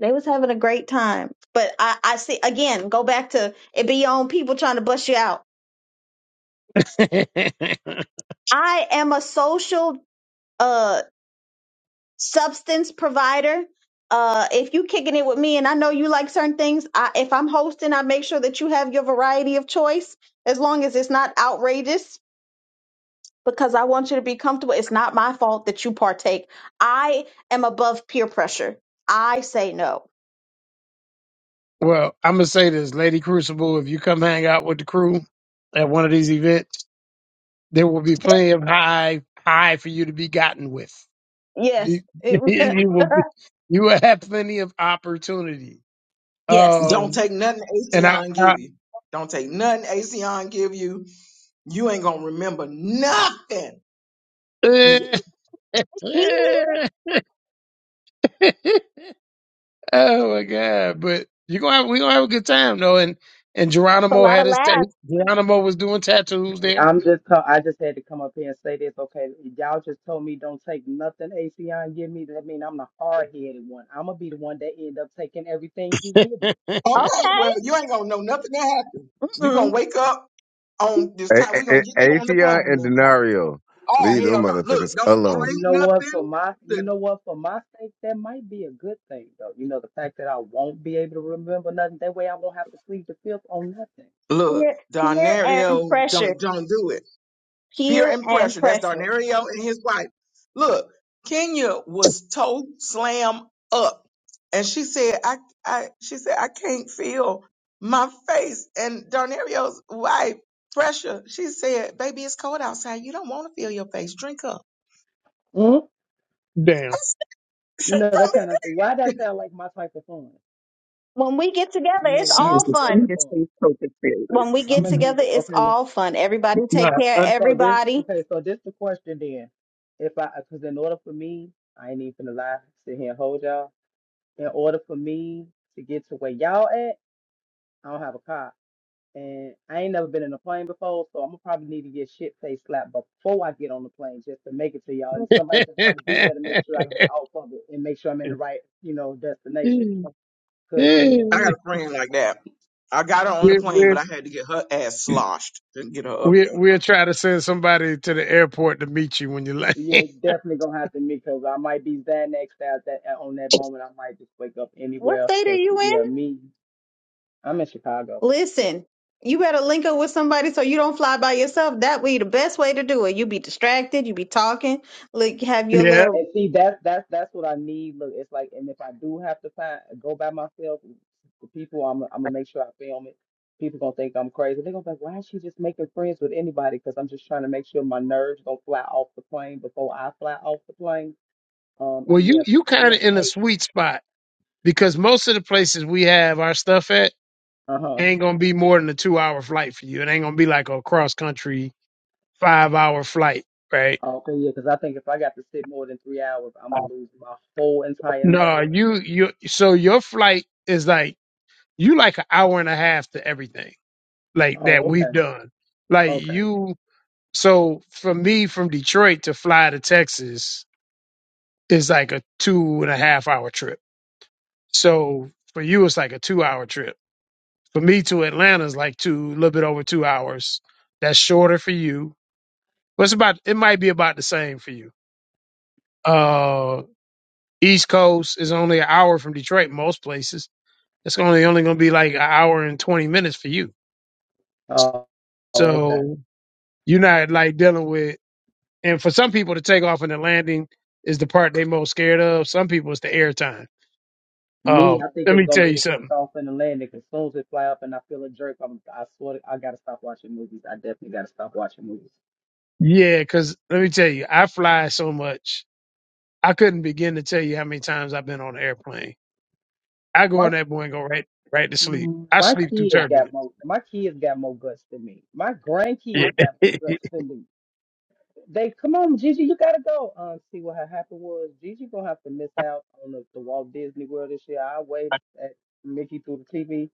Speaker 9: they was having a great time but i i see again go back to it be your own people trying to bust you out i am a social uh. substance provider. Uh, if you kicking it with me, and I know you like certain things, I, if I'm hosting, I make sure that you have your variety of choice, as long as it's not outrageous, because I want you to be comfortable. It's not my fault that you partake. I am above peer pressure. I say no.
Speaker 1: well, I'm gonna say this, Lady Crucible. If you come hang out with the crew at one of these events, there will be plenty of high high for you to be gotten with.
Speaker 9: Yes.
Speaker 1: You,
Speaker 9: It,
Speaker 1: you will be, you will have plenty of opportunity.
Speaker 9: yes.
Speaker 5: Don't
Speaker 1: Um,
Speaker 5: take nothing
Speaker 1: and I,
Speaker 5: ACON give you. Don't take nothing ACON give you. You ain't gonna remember nothing.
Speaker 1: I
Speaker 9: It's
Speaker 1: Oh my god! But you gonna have, we gonna have a good time though. And and
Speaker 9: a
Speaker 1: Geronimo
Speaker 9: lot
Speaker 1: had
Speaker 9: of
Speaker 1: his tape.
Speaker 9: laughs.
Speaker 1: Geronimo was doing tattoos
Speaker 10: Hey,
Speaker 1: there.
Speaker 10: I'm just co- I just had to come up here and say this. Okay, y'all just told me don't take nothing ACN give me. That mean I'm the hard headed one. I'm gonna be the one that end up taking everything he give me.
Speaker 5: Okay, well,
Speaker 9: Okay.
Speaker 5: you ain't gonna know nothing that happened. You
Speaker 9: Mm-mm.
Speaker 5: gonna wake up on this
Speaker 3: A-
Speaker 5: time. We
Speaker 3: A-
Speaker 5: gonna
Speaker 3: A-
Speaker 5: get you on the plane
Speaker 3: Atheon and
Speaker 5: this time.
Speaker 3: Denario.
Speaker 5: Oh
Speaker 3: Leave
Speaker 5: hell
Speaker 3: them
Speaker 5: no! Look,
Speaker 3: motherfuckers
Speaker 5: don't
Speaker 3: alone.
Speaker 10: You
Speaker 5: drink
Speaker 10: know what? For
Speaker 5: nothing.
Speaker 10: my you
Speaker 5: Look,
Speaker 10: know what? For my sake, that might be a good thing though. You know the fact that I won't be able to remember nothing. That way I won't have to plead the fifth on nothing.
Speaker 5: look,
Speaker 9: Peer, peer and
Speaker 5: Darnario,
Speaker 9: pressure.
Speaker 5: don't don't do it. Peer
Speaker 9: Peer
Speaker 5: and
Speaker 9: and
Speaker 5: pressure. That's
Speaker 9: pressure.
Speaker 5: Darnario and his wife. Look, Kenya was toe slam up. and she said, I, I, she said, I can't feel my face. And Darnario's wife, pressure, she said, baby, it's cold outside. You don't want to feel your face. Drink up.
Speaker 10: hmm
Speaker 1: Damn.
Speaker 10: You know
Speaker 5: Don't
Speaker 10: that
Speaker 5: be
Speaker 10: kind of thing. Why that sound like my type of fun?
Speaker 9: When we get together,
Speaker 10: You know
Speaker 9: it's
Speaker 10: what?
Speaker 7: she
Speaker 10: I
Speaker 7: is
Speaker 9: all
Speaker 10: need to
Speaker 7: the
Speaker 10: go
Speaker 9: fun
Speaker 10: on the
Speaker 7: sweetest
Speaker 10: phone.
Speaker 7: face poker player.
Speaker 9: when we
Speaker 10: I'm
Speaker 9: get
Speaker 10: gonna need
Speaker 9: together,
Speaker 10: to.
Speaker 9: it's
Speaker 10: Okay, well,
Speaker 9: all fun. Everybody
Speaker 1: No.
Speaker 9: take care of
Speaker 1: un-
Speaker 10: So this
Speaker 9: everybody.
Speaker 10: okay, so this the question then. If I because in order for me, I ain't even gonna lie, sit here and hold y'all. In order for me to get to where y'all at, I don't have a car. And I ain't never been in a plane before, so I'm gonna probably need to get shit face slapped before I get on the plane just to make it to y'all. And somebody just gotta be there to make sure I get off of it and make sure I'm in the right, you know, destination.
Speaker 1: we
Speaker 10: Cause yeah,
Speaker 5: I got a friend like that. I got her on the
Speaker 1: we
Speaker 5: plane, but I had to get her ass sloshed to get her up
Speaker 1: we
Speaker 5: there.
Speaker 1: we'll try to send somebody to the airport to meet you when you land.
Speaker 10: yeah, definitely gonna have to me, because I might be Xanaxed out that on that moment. I might just wake up
Speaker 9: What
Speaker 10: anywhere.
Speaker 9: state are
Speaker 10: Cause
Speaker 9: you
Speaker 10: yeah,
Speaker 9: in?
Speaker 10: me I'm in Chicago.
Speaker 9: Listen, you better link up with somebody so you don't fly by yourself. That would be the best way to do it. You be distracted, you be talking, like have your
Speaker 1: yeah.
Speaker 9: little
Speaker 10: And see, that's that's that's what I need. Look, it's like, and if I do have to find go by myself, the people I'm I'm gonna make sure I film it. People gonna think I'm crazy. They're gonna be like, why is she just making friends with anybody? Because I'm just trying to make sure my nerves don't fly off the plane before I fly off the plane. Um,
Speaker 1: Well, you
Speaker 10: yeah, cause
Speaker 1: you
Speaker 10: me
Speaker 1: kind of
Speaker 10: and
Speaker 1: in a
Speaker 10: heights.
Speaker 1: sweet spot because most of the places we have our stuff at
Speaker 10: Uh huh.
Speaker 1: ain't gonna be more than a two hour flight for you. It ain't gonna be like a cross country five hour flight, right?
Speaker 10: Okay, yeah, because I think if I got to sit more than three hours, I'm gonna lose my whole entire
Speaker 1: No,
Speaker 10: nerve.
Speaker 1: you you so your flight is like you like an hour and a half to everything like that
Speaker 10: Oh,
Speaker 1: we've
Speaker 10: okay,
Speaker 1: done. Like
Speaker 10: okay.
Speaker 1: you so for me from Detroit to fly to Texas is like a two and a half hour trip. So for you it's like a two hour trip. For me to Atlanta is like two a little bit over two hours. That's shorter for you. But it's about it might be about the same for you. Uh East Coast is only an hour from Detroit most places It's only only going to be like an hour and twenty minutes for you.
Speaker 10: Oh, oh, okay.
Speaker 1: So you're not like dealing with. And for some people, the takeoff and the landing is the part they most scared of. Some people, it's the airtime.
Speaker 10: Me,
Speaker 1: Um,
Speaker 10: I think
Speaker 1: let
Speaker 10: it's
Speaker 1: me
Speaker 10: gonna
Speaker 1: tell
Speaker 10: be
Speaker 1: you
Speaker 10: the
Speaker 1: something.
Speaker 10: switch off in the landing As soon as it fly up and I feel a jerk, I'm, I swear to, I gotta stop watching movies. I definitely gotta stop watching movies.
Speaker 1: Yeah, because let me tell you, I fly so much. I couldn't begin to tell you how many times I've been on an airplane. I go
Speaker 10: My
Speaker 1: on that boy and go right right to sleep. I
Speaker 10: my
Speaker 1: sleep through
Speaker 10: kids
Speaker 1: turbulence.
Speaker 10: got more. My kids got more guts than me. My
Speaker 1: Yeah.
Speaker 10: grandkids got more guts than me. They come on, Gigi, you gotta go. Um, see what had happened was Gigi gonna have to miss out on the, the Walt Disney World this year. I waved at Mickey through the TV,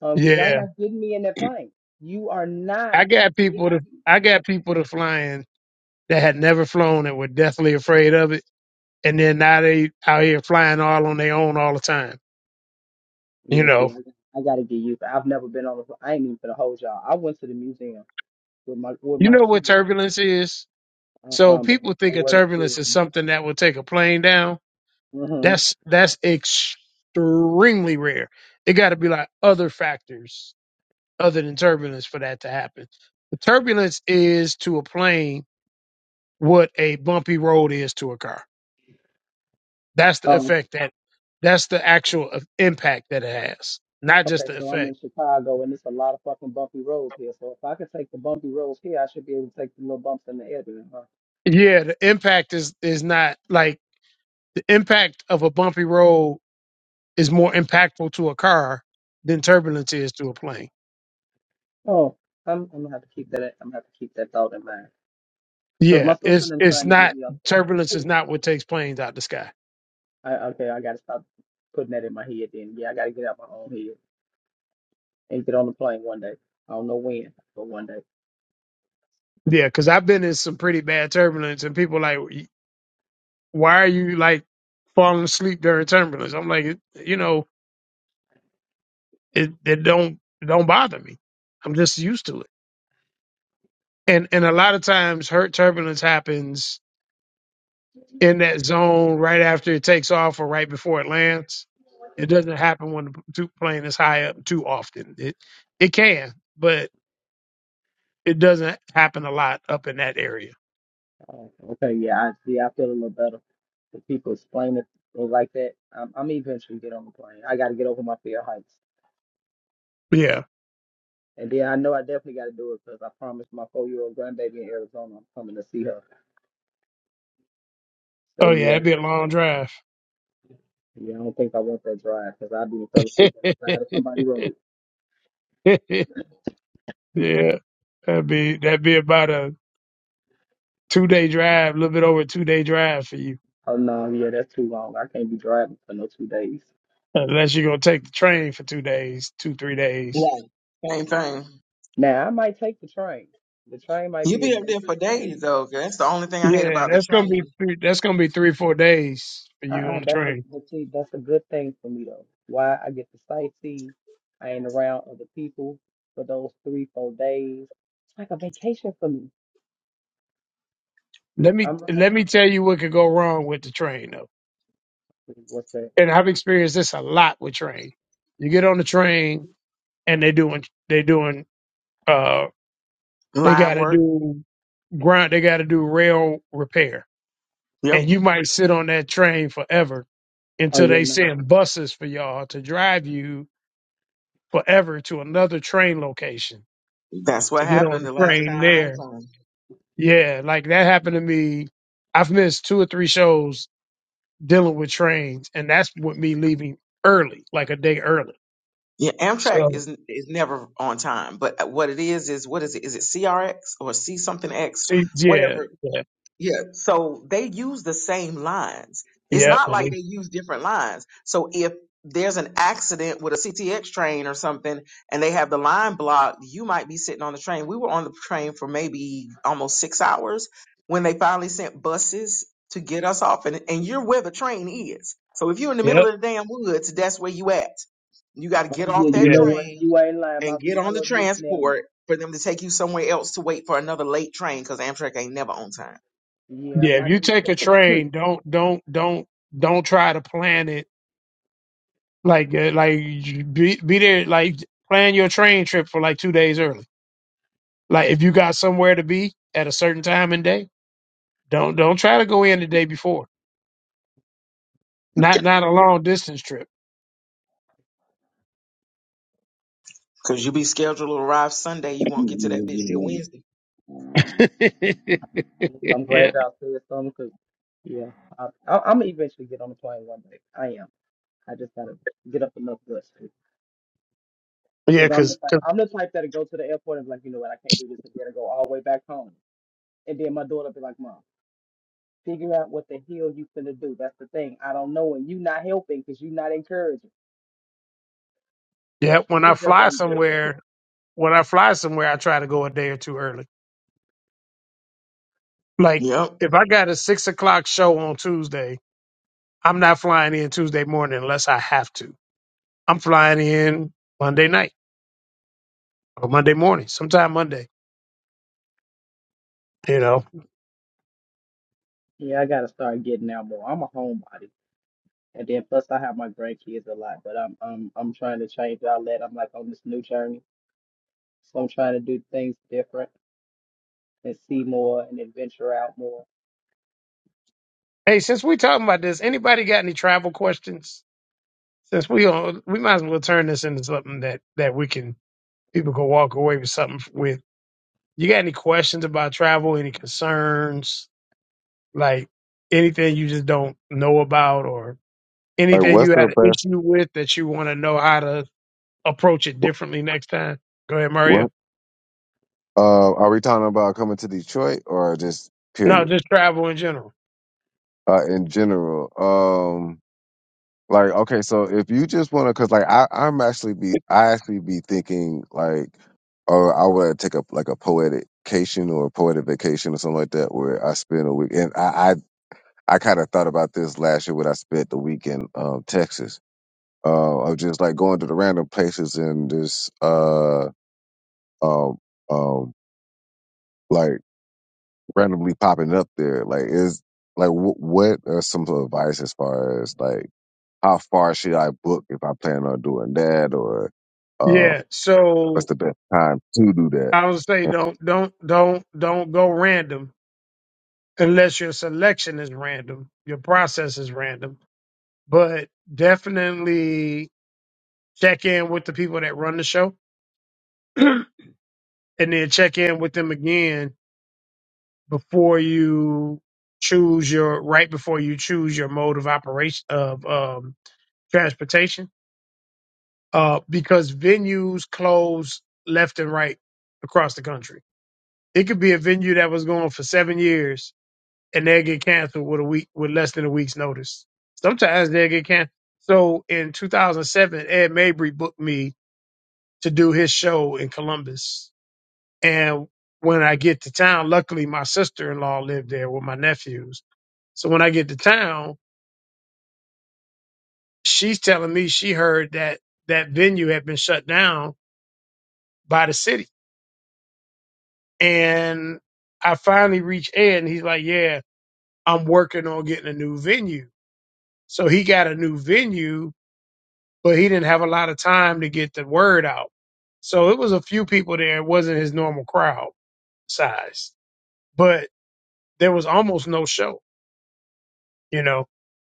Speaker 10: um, cause y'all
Speaker 1: Yeah,
Speaker 10: not getting me in that plane. You are not.
Speaker 1: I got people to
Speaker 10: getting
Speaker 1: I got people to flying that had never flown and were deathly afraid of it and then now they out here flying all on their own all the time. You
Speaker 10: Yeah, see,
Speaker 1: know,
Speaker 10: I, I gotta get used. I've never been on. A, I ain't even for the whole y'all. I went to the museum with my with
Speaker 1: you
Speaker 10: my
Speaker 1: know what
Speaker 10: kids.
Speaker 1: turbulence is.
Speaker 10: Uh,
Speaker 1: So
Speaker 10: um, but
Speaker 1: people
Speaker 10: the
Speaker 1: think of
Speaker 10: word
Speaker 1: turbulence
Speaker 10: scares
Speaker 1: as something that will take a plane down.
Speaker 10: Mhm.
Speaker 1: That's that's extremely rare. It got to be like other factors other than turbulence for that to happen. The turbulence is to a plane what a bumpy road is to a car. That's the
Speaker 10: Um.
Speaker 1: effect that that's the actual uh, impact that it has, not
Speaker 10: Okay,
Speaker 1: just the
Speaker 10: so I'm
Speaker 1: effect.
Speaker 10: in Chicago, and it's a lot of fucking bumpy roads here. So if I could take the bumpy roads here, I should be able to take the little bumps in the air. there, Huh?
Speaker 1: Yeah, the impact is is not like The impact of a bumpy road is more impactful to a car than turbulence is to a plane.
Speaker 10: Oh, I'm, I'm gonna have to keep that. I'm gonna have to keep that thought in mind. Cause my
Speaker 1: Yeah,
Speaker 10: sister
Speaker 1: it's
Speaker 10: them
Speaker 1: it's
Speaker 10: trying to get
Speaker 1: not
Speaker 10: me on.
Speaker 1: turbulence is not what takes planes out the sky.
Speaker 10: I, okay, I gotta stop putting that in my head. Then yeah, I gotta get out my own head and get on the plane one day. I don't know when, but one day.
Speaker 1: Yeah, because I've been in some pretty bad turbulence, and people like, why are you like falling asleep during turbulence? I'm like, "It- you know, it it don't it don't bother me. I'm just used to it. And and a lot of times, hurt turbulence happens in that zone right after it takes off or right before it lands. It doesn't happen when the two- plane is high up too often. It it can, but it doesn't happen a lot up in that area.
Speaker 10: Oh, okay, yeah, I see. I feel a little better. If people explain it like that, I'm, I'm eventually get on the plane. I got to get over my fear of heights,
Speaker 1: Yeah.
Speaker 10: and then I know I definitely got to do it because I promised my four year old grandbaby in Arizona I'm coming to see her. So
Speaker 1: Oh yeah,
Speaker 10: yeah,
Speaker 1: that'd be a long drive.
Speaker 10: yeah, I don't think I want that drive because I be fell asleep on
Speaker 1: yeah.
Speaker 10: the side of somebody's road.
Speaker 1: That'd be that'd be about a two day drive, a little bit over a two day drive for you.
Speaker 10: Oh no, yeah, that's too long. I can't be driving for no two days.
Speaker 1: Unless you're gonna take the train for two days, two, three days.
Speaker 5: Right. Same thing.
Speaker 10: Now I might take the train. The train might
Speaker 5: You
Speaker 10: be
Speaker 5: be up there for
Speaker 10: adventurous for me.
Speaker 5: days though. 'cause That's the only thing I hate
Speaker 1: Yeah,
Speaker 5: about the
Speaker 1: that's gonna be
Speaker 5: train.
Speaker 1: three, that's gonna be three, four days for you
Speaker 10: Uh-uh,
Speaker 1: on the
Speaker 10: that's a
Speaker 1: train.
Speaker 10: but see, that's a good thing for me though. Why I get to sightsee, I ain't around other people for those three, four days. It's like a vacation for me.
Speaker 1: Let me
Speaker 10: I'm running.
Speaker 1: let me tell you what could go wrong with the train though.
Speaker 10: What's that?
Speaker 1: And I've experienced this a lot with train. You get on the train and they doing they doing uh they
Speaker 5: Line
Speaker 1: gotta
Speaker 5: work.
Speaker 1: do grind they gotta do rail repair.
Speaker 5: Yep.
Speaker 1: And you might sit on that train forever
Speaker 10: Oh
Speaker 1: until
Speaker 10: yeah,
Speaker 1: they
Speaker 10: no.
Speaker 1: send buses for y'all to drive you forever to another train location
Speaker 5: That's
Speaker 1: to
Speaker 5: what
Speaker 1: get on
Speaker 5: happened
Speaker 1: the
Speaker 5: the last
Speaker 1: train
Speaker 5: time I
Speaker 1: there.
Speaker 5: was on.
Speaker 1: Yeah, like that happened to me. I've missed two or three shows dealing with trains, and that's with me leaving early, like a day early.
Speaker 5: Yeah, Amtrak
Speaker 1: So,
Speaker 5: is is never on time. But what it is is what is it? Is it CRX or C something X?
Speaker 1: see, yeah,
Speaker 5: Whatever
Speaker 1: yeah,
Speaker 5: yeah, so they use the same lines. It's
Speaker 1: yep,
Speaker 5: not
Speaker 1: and
Speaker 5: like
Speaker 1: it,
Speaker 5: they use different lines. So if there's an accident with a CTX train or something and they have the line blocked, you might be sitting on the train. We were on the train for maybe almost six hours when they finally sent buses to get us off. And, and you're where the train is. So if you're in the middle
Speaker 1: yep,
Speaker 5: of the damn woods, that's where you at. You got to
Speaker 10: Oh
Speaker 5: get
Speaker 10: yeah,
Speaker 5: off
Speaker 10: you
Speaker 5: that
Speaker 1: yeah,
Speaker 10: know what?
Speaker 5: train
Speaker 10: You ain't lying. My
Speaker 5: and get
Speaker 10: my
Speaker 5: on the
Speaker 10: little niece now.
Speaker 5: transport for them to take you somewhere else to wait for another late train because Amtrak ain't never on time.
Speaker 10: Yeah,
Speaker 1: yeah. If
Speaker 10: my
Speaker 1: you
Speaker 10: niece.
Speaker 1: take a train, don't, don't, don't, don't try to plan it like, uh, like you be be there, like plan your train trip for like two days early. Like if you got somewhere to be at a certain time and day, don't, don't try to go in the day before. Not, not a long distance trip.
Speaker 5: Cause you be scheduled to arrive Sunday, you won't get to that bitch till Wednesday.
Speaker 1: yeah.
Speaker 10: I'm glad
Speaker 1: Yeah,
Speaker 10: y'all said something 'cause yeah, I, I, I'm gonna eventually get on the plane one day. I am. I just gotta get up enough guts to. Cause I'm the
Speaker 1: because
Speaker 10: type, I'm the type that'll go to the airport and be like, you know what, I can't do this again, and go all the way back home. And then my daughter be like, Mom, figure out what the hell you finna do. That's the thing. I don't know. And you not helping because you not encouraging.
Speaker 1: yeah, when I
Speaker 10: Then jump
Speaker 1: fly
Speaker 10: on the
Speaker 1: somewhere, when I fly somewhere, I try to go a day or two early. Like
Speaker 5: Yep.
Speaker 1: if I got a six o'clock show on Tuesday, I'm not flying in Tuesday morning unless I have to. I'm flying in Monday night or Monday morning, sometime Monday. You know.
Speaker 10: Yeah, I gotta start getting out more. I'm a homebody. And then plus I have my grandkids a lot, but I'm I'm I'm trying to change outlet. I'm like on this new journey. So I'm trying to do things different and see more and adventure out more.
Speaker 1: Hey, since we talking about this, anybody got any travel questions? Since we on, we might as well turn this into something that that we can people can walk away with something with. You got any questions about travel? Any concerns? Like anything you just don't know about, or.
Speaker 3: Like,
Speaker 1: Anything you
Speaker 3: what's the
Speaker 1: had an
Speaker 3: best?
Speaker 1: issue with that you want to know how to approach it
Speaker 3: wh-
Speaker 1: differently next time? Go ahead, Mario.
Speaker 3: What? Uh, are we talking about coming to Detroit or just
Speaker 1: No,
Speaker 3: period?
Speaker 1: just travel in general.
Speaker 3: Uh, in general, um, like, okay, so if you just want to, cause like, I, I'm actually be, I actually be thinking like, or I would take a like a poetic cation or a poetic vacation or something like that, where I spend a week. And I, I, I kind of thought about this last year when I spent the week in um, Texas uh, of just like going to the random places and just uh um um like randomly popping up there. Like is like w- what are some advice as far as like how far should I book if I plan on doing that or uh
Speaker 1: Yeah.
Speaker 3: what's
Speaker 1: So
Speaker 3: the best time to do that?
Speaker 1: I would say don't don't don't don't go random unless your selection is random, your process is random. But definitely check in with the people that run the show and then check in with them again before you choose your right before you choose your mode of operation of um transportation uh, because venues close left and right across the country. It could be a venue that was going for seven years and they get canceled with a week with less than a week's notice. Sometimes they get canceled. So in 2007, Ed Mabry booked me to do his show in Columbus, and when I get to town, luckily my sister-in-law lived there with my nephews. So when I get to town, she's telling me she heard that that venue had been shut down by the city And I finally reached Ed and he's like, Yeah, I'm working on getting a new venue. So he got a new venue, but he didn't have a lot of time to get the word out. So it was a few people there. It wasn't his normal crowd size, but there was almost no show, you know?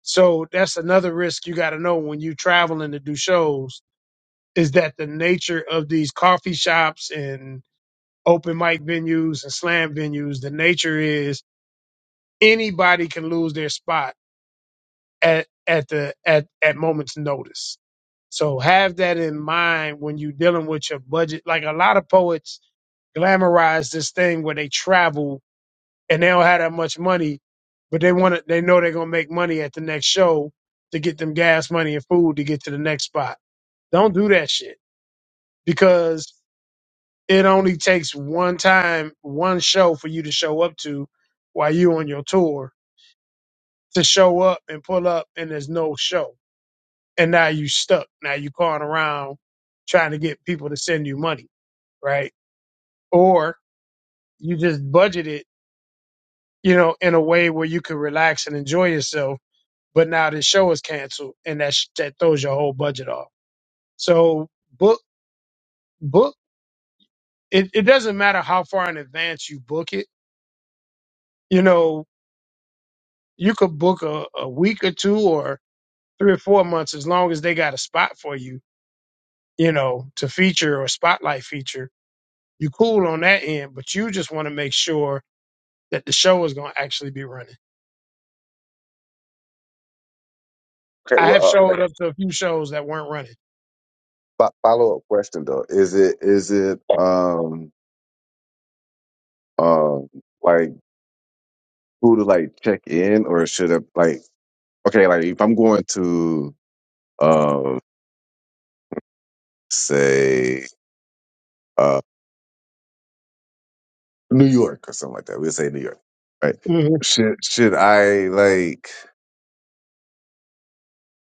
Speaker 1: So that's another risk you got to know when you're traveling to do shows is that the nature of these coffee shops and open mic venues and slam venues, the nature is anybody can lose their spot at at the at at moments notice. So have that in mind when you're dealing with your budget. Like a lot of poets glamorize this thing where they travel and they don't have that much money, but they want to. They know they're gonna make money at the next show to get them gas money and food to get to the next spot. Don't do that shit because it only takes one time, one show for you to show up to while you on your tour to show up and pull up and there's no show and now you stuck. Now you calling around trying to get people to send you money, right? Or you just budget it, you know, in a way where you can relax and enjoy yourself. But now this show is canceled, and that sh- that throws your whole budget off. So book book it. It doesn't matter how far in advance you book it. You know, you could book a, a week or two or three or four months as long as they got a spot for you, you know, to feature or spotlight feature you cool on that end, but you just want to make sure that the show is going to actually be running.
Speaker 3: Okay,
Speaker 1: I
Speaker 3: well,
Speaker 1: have
Speaker 3: uh, like
Speaker 1: showed up to a few shows that weren't running.
Speaker 3: a follow up question though, is it is it um um like who to like check in or should I like okay like if I'm going to um say uh, New York or something like that. We'll say New York, right?
Speaker 1: Mhm.
Speaker 3: Should should I like?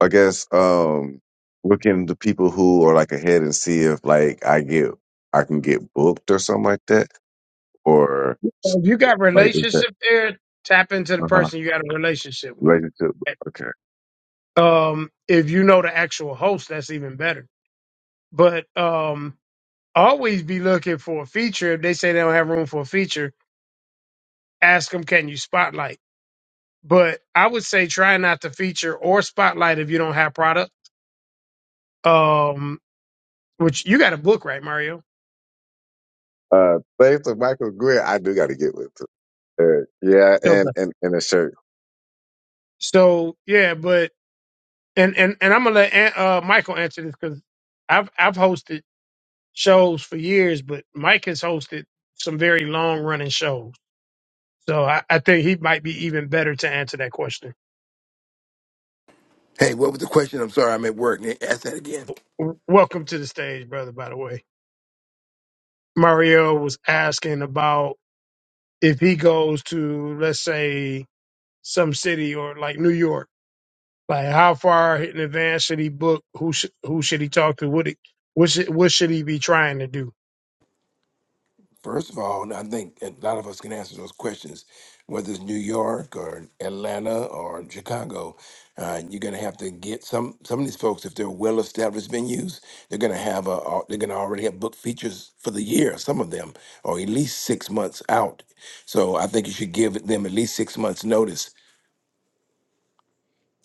Speaker 3: I guess um, look into people who are like ahead and see if like I get I can get booked or something like that, or s-
Speaker 1: If you got
Speaker 3: like is that
Speaker 1: relationship there, tap into the
Speaker 3: uh huh
Speaker 1: person you got a relationship with.
Speaker 3: relationship? Okay.
Speaker 1: Um, if you know the actual host, that's even better. But um, always be looking for a feature. If they say they don't have room for a feature, ask them, can you spotlight? But I would say try not to feature or spotlight if you don't have product. Um, which you got a book, right, Mario?
Speaker 3: Uh, thanks to Michael Greer, I do got to get with. Him. Uh, yeah, and and and a shirt.
Speaker 1: So yeah, but and and and I'm gonna let An- uh, Michael answer this because I've I've hosted shows for years, but Mike has hosted some very long running shows. So I, I think he might be even better to answer that question.
Speaker 11: Hey, what was the question? I'm sorry, I'm at work. Nick, Ask that again.
Speaker 1: W- Welcome to the stage, brother. By the way, Mario was asking about if he goes to let's say some city or like New York, like how far in advance should he book? Who should who should he talk to? What he, what should, what should he be trying to do?
Speaker 11: First of all, I think a lot of us can answer those questions, whether it's New York or Atlanta or Chicago. Uh, you're going to have to get some some of these folks if they're well-established venues. They're going to have a uh, they're going to already have book features for the year. Some of them, or at least six months out. So I think you should give them at least six months notice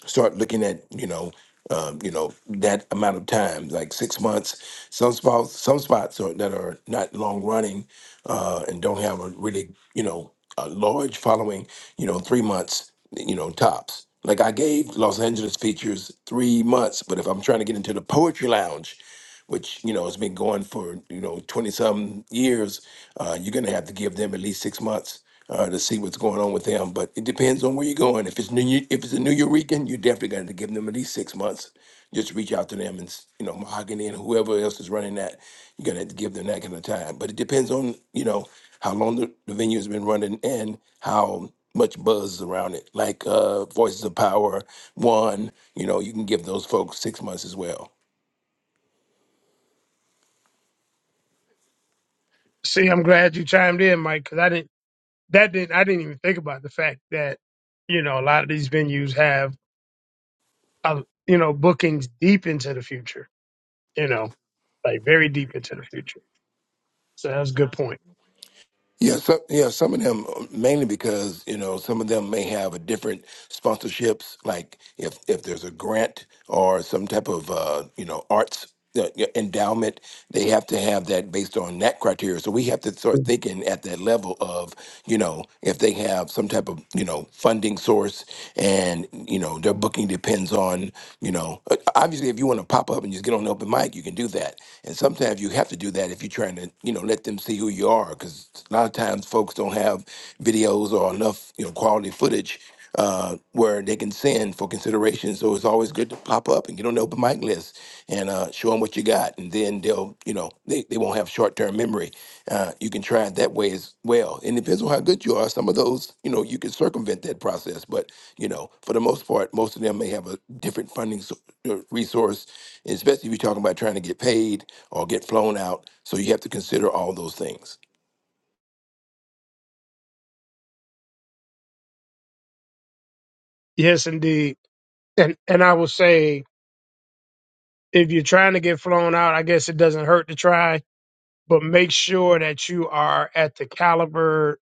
Speaker 11: start looking at you know um, you know that amount of time like six months some spots some spots are, that are not long running uh, and don't have a really you know a large following you know three months you know tops like i gave los angeles features three months but if i'm trying to get into the poetry lounge which you know has been going for you know 20 some years uh, you're going to have to give them at least six months uh, to see what's going on with them. But it depends on where you're going. If it's new, if it's a New Eurekan, you definitely got to give them at least six months. Just reach out to them and s- you know Mahogany and whoever else is running that, you got to give them that kind of time. But it depends on you know how long the, the venue has been running and how much buzz is around it. Like uh, Voices of Power, one, you know, you can give those folks six months as well
Speaker 1: See, I'm glad you chimed in, Mike, because I didn't. That didn't. I didn't even think about the fact that you know a lot of these venues have uh, you know bookings deep into the future. You know, like very deep into the future. So that's a good point.
Speaker 11: Yeah, some, yeah, some of them uh, mainly because you know some of them may have a different sponsorships. Like if if there's a grant or some type of uh, you know arts uh, yeah, endowment, they have to have that based on that criteria. So we have to start thinking at that level of you know if they have some type of you know funding source and you know their booking depends on you know uh, obviously if you want to pop up and just get on the open mic, you can do that. And sometimes you have to do that if you're trying to you know let them see who you are because a lot of times folks don't have videos or enough you know quality footage uh, where they can send for consideration. So it's always good to pop up and get on the open mic list and uh, show them what you got, and then they'll you know they, they won't have short term memory. Uh, you can try it that way as well. And it depends on how good you are. Some of those you know you can circumvent that process, but you know for the most part, most of them may have a different funding s- uh, resource, especially if you're talking about trying to get paid or get flown out. So you have to consider all those things.
Speaker 1: Yes, indeed. And and I will say, if you're trying to get flown out, I guess it doesn't hurt to try, but make sure that you are at the caliber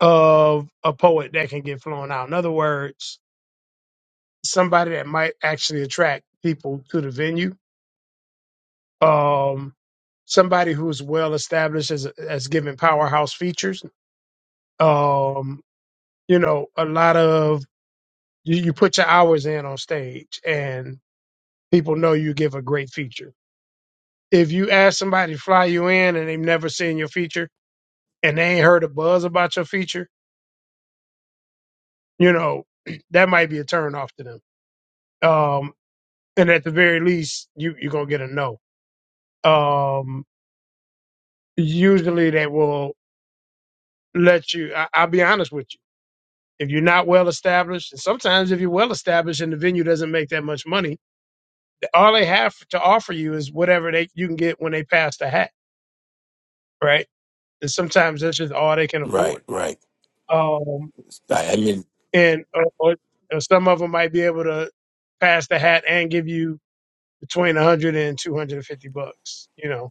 Speaker 1: of a poet that can get flown out. In other words, somebody that might actually attract people to the venue um, somebody who's well established as as giving powerhouse features. Um, you know, a lot of you, you put your hours in on stage, and people know you give a great feature. If you ask somebody to fly you in and they've never seen your feature and they ain't heard a buzz about your feature, you know, that might be a turn off to them. Um, and at the very least, you you're gonna get a no. Um, usually, they will let you. I, I'll be honest with you If you're not well established, and sometimes if you're well established and the venue doesn't make that much money, all they have to offer you is whatever they you can get when they pass the hat, right? And sometimes that's just all they can afford.
Speaker 11: Right, right.
Speaker 1: Um,
Speaker 11: I, I mean,
Speaker 1: and or, or or some of them might be able to pass the hat and give you between 100 and 250 bucks, you know.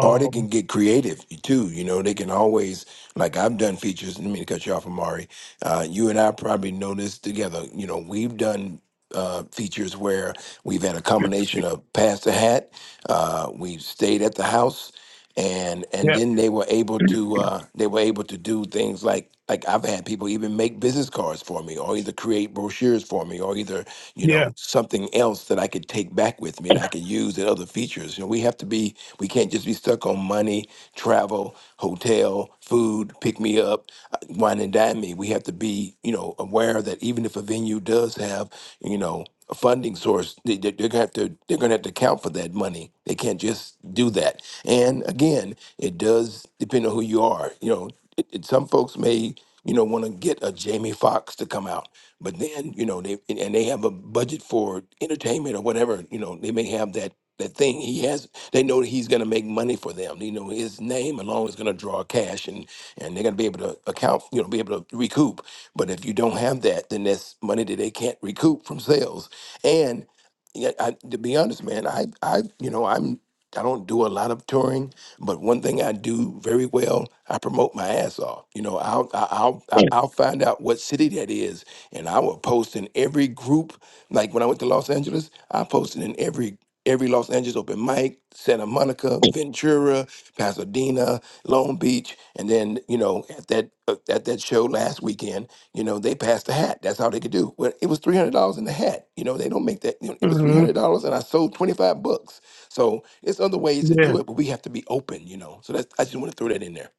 Speaker 11: Or they can get creative too. You know, they can always like I've done features. Let me cut you off, Amari. Uh, you and I probably know this together. You know, we've done uh, features where we've had a combination of pass the hat. Uh, we've stayed at the house, and and
Speaker 1: yeah,
Speaker 11: then they were able to uh, they were able to do things like like I've had people even make business cards for me, or either create brochures for me, or either you
Speaker 1: yeah,
Speaker 11: know something else that I could take back with me that I could use in other features. You know, we have to be we can't can't just be stuck on money, travel, hotel, food, pick me up, uh, wine and dine me. We have to be, you know, aware that even if a venue does have, you know, a funding source, they, they- they're gonna have to they're gonna have to account for that money. They can't just do that. And again, it does depend on who you are. You know, it, it, some folks may you know want to get a Jamie Foxx to come out, but then you know they and and they have a budget for entertainment or whatever. You know, they may have that that thing he has, they know that he's going to make money for them. You know his name alone is going to draw cash, and and they're going to be able to account, you know, be able to recoup. But if you don't have that, then that's money that they can't recoup from sales. And yeah, I, to be honest, man, I I you know I'm I don't do a lot of touring, but one thing I do very well, I promote my ass off. You know, I'll I- I'll I- I'll find out what city that is, and I will post in every group. Like when I went to Los Angeles, I posted in every every Los Angeles open mic, Santa Monica, Ventura, Pasadena, Long Beach, and then you know at that uh, at that show last weekend, you know they passed the hat. That's how they could do. Well, it was three hundred dollars in the hat. You know they don't make that. You know, it was three
Speaker 1: hmm
Speaker 11: hundred dollars, and I sold twenty five books. So it's other ways to
Speaker 1: yeah.
Speaker 11: do it, but we have to be open. You know, so that's I just want to throw that in there.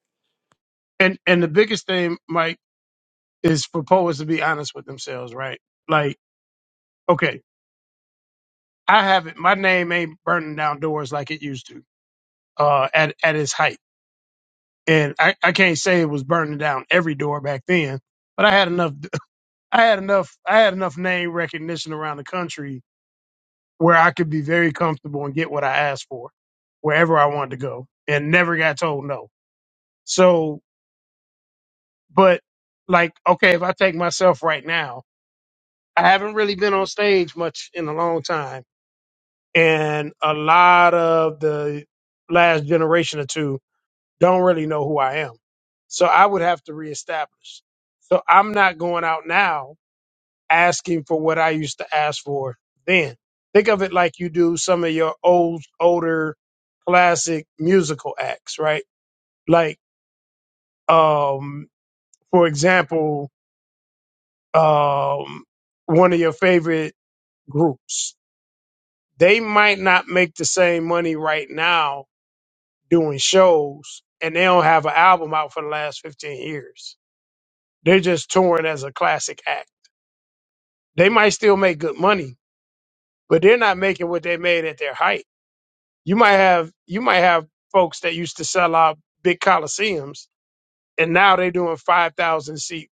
Speaker 1: And and the biggest thing, Mike, is for poets to be honest with themselves, right? Like, okay. I haven't. My name ain't burning down doors like it used to. Uh, at at its height, and I, I can't say it was burning down every door back then, but I had enough. I had enough. I had enough name recognition around the country where I could be very comfortable and get what I asked for, wherever I wanted to go, and never got told no. So, but like, okay, if I take myself right now, I haven't really been on stage much in a long time, and a lot of the last generation or two don't really know who I am. So I would have to reestablish. So I'm not going out now asking for what I used to ask for then. Think of it like you do some of your old, older classic musical acts, right? Like, um, for example, um, one of your favorite groups. They might not make the same money right now doing shows and they don't have an album out for the last 15 years They're just touring as a classic act. They might still make good money, but they're not making what they made at their height. You might have you might have folks that used to sell out big coliseums, and now they're doing five thousand seat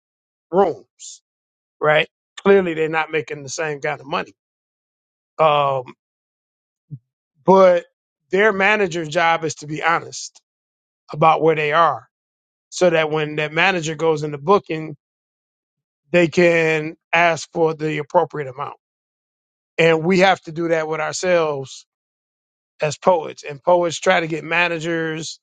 Speaker 1: rooms, right? Clearly, they're not making the same kind of money. Um, but their manager's job is to be honest about where they are, so that when that manager goes into booking, they can ask for the appropriate amount and we have to do that with ourselves as poets, and poets try to get managers.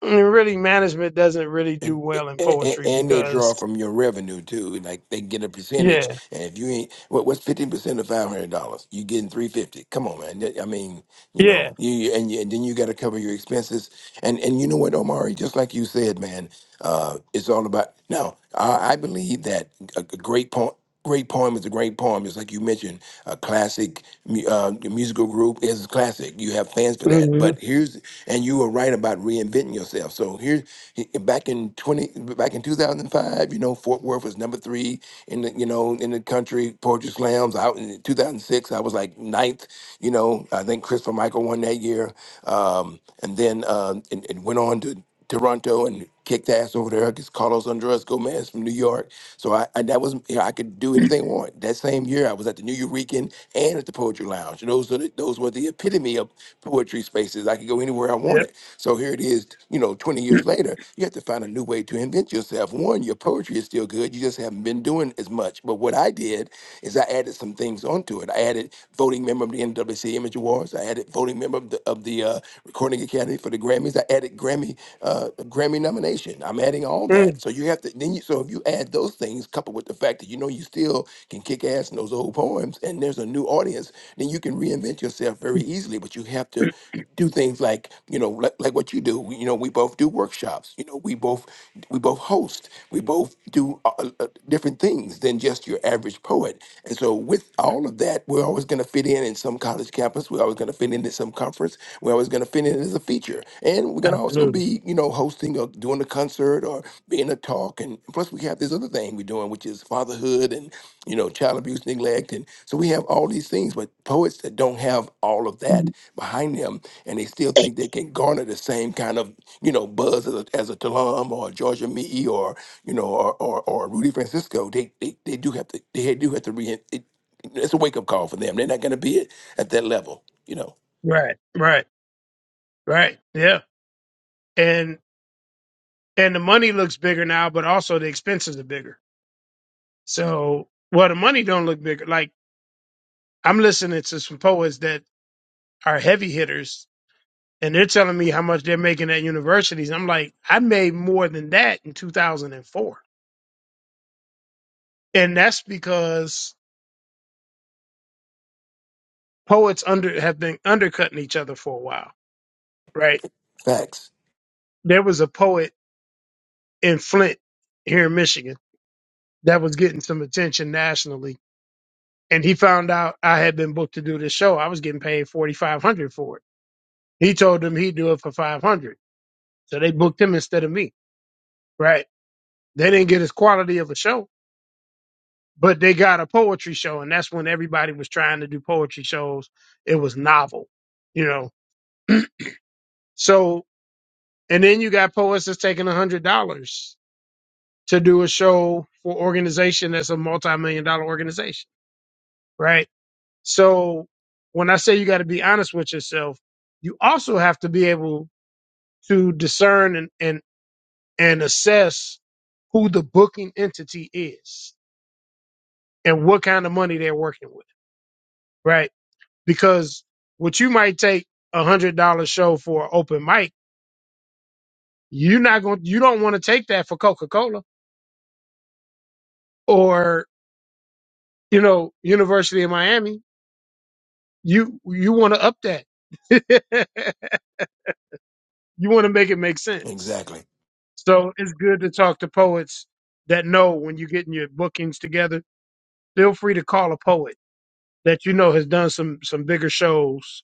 Speaker 1: And really, management doesn't really do
Speaker 11: And,
Speaker 1: well in
Speaker 11: and
Speaker 1: poetry
Speaker 11: and they draw
Speaker 1: because,
Speaker 11: from your revenue too. Like they get a percentage,
Speaker 1: yeah,
Speaker 11: and if you ain't what, what's fifteen percent of five hundred dollars, you getting three fifty. Come on, man. I mean, you
Speaker 1: yeah,
Speaker 11: know you you- and, you- and then you got to cover your expenses and and you know what omari just like you said man uh it's all about now i, I believe that a, a great poem, Great poem is a great poem. It's like you mentioned, a classic mu- uh, musical group is a classic. You have fans for that.
Speaker 1: hmm
Speaker 11: But here's, and you were right about reinventing yourself. So here, back in twenty, back in two thousand five, you know, Fort Worth was number three in the, you know, in the country poetry slams. Out in two thousand six, I was like like ninth. You know, I think Christopher Michael won that year, um, and then uh, and, and went on to Toronto and kicked ass over there because Carlos Andres Gomez from New York. So I, I that was you know, I could do anything I want. That same year I was at the New Eurekan and at the Poetry Lounge. Those are the, those were the epitome of poetry spaces. I could go anywhere I
Speaker 1: yeah,
Speaker 11: wanted. So here it is, you know, 20 years later, you have to find a new way to invent yourself. One, your poetry is still good. You just haven't been doing as much. But what I did is I added some things onto it. I added voting member of the NWC Image Awards. I added voting member of the, of the uh, Recording Academy for the Grammys. I added Grammy uh, Grammy nomination. I'm adding all
Speaker 1: mm,
Speaker 11: that. So you have to then. You, so if you add those things, coupled with the fact that you know you still can kick ass in those old poems, and there's a new audience, then you can reinvent yourself very easily. But you have to do things like you know like, like what you do. We- You know we both do workshops. You know we both we both host. We both do uh, uh, different different things than just your average poet. And so, with all of that, we're always going to fit in in some college campus. We're always going to fit in at some conference. We're always going to fit in as a feature. And we're going to also
Speaker 1: absolutely,
Speaker 11: be, you know, hosting or doing a concert or being a talk. And plus, we have this other thing we're doing, which is fatherhood and, you know, child abuse, neglect. And so, we have all these things, but poets that don't have all of that behind them and they still think they can garner the same kind of, you know, buzz as a, as a Talam or a Georgia Me or you know, or or, or Rudy Francisco, they, they they do have to they do have to re. It, it's a wake up call for them. They're not going to be at, at that level, you know.
Speaker 1: right, right, right, yeah, and and the money looks bigger now, but also the expenses are bigger. So, well, the money don't look bigger. Like I'm listening to some poets that are heavy hitters. And they're telling me how much they're making at universities. I'm like, I made more than that in 2004, and four, and that's because poets under have been undercutting each other for a while, right?
Speaker 11: Facts.
Speaker 1: There was a poet in Flint here in Michigan that was getting some attention nationally, and he found out I had been booked to do this show. I was getting paid forty five hundred for it. He told them he'd do it for five hundred, so they booked him instead of me, right? They didn't get his quality of a show, but they got a poetry show, and that's when everybody was trying to do poetry shows. It was novel, you know. So, and then you got poets that's taking a hundred dollars to do a show for organization that's a multi-million dollar organization, right? So when I say you got to be honest with yourself, you also have to be able to discern and, and, and assess who the booking entity is and what kind of money they're working with, right? Because what you might take a hundred dollar show for an open mic, you're not going, you don't want to take that for Coca-Cola or, you know, University of Miami you you want to up that. you want to make it make sense.
Speaker 11: Exactly.
Speaker 1: So it's good to talk to poets that know when you're getting your bookings together. Feel free to call a poet that you know has done some some bigger shows,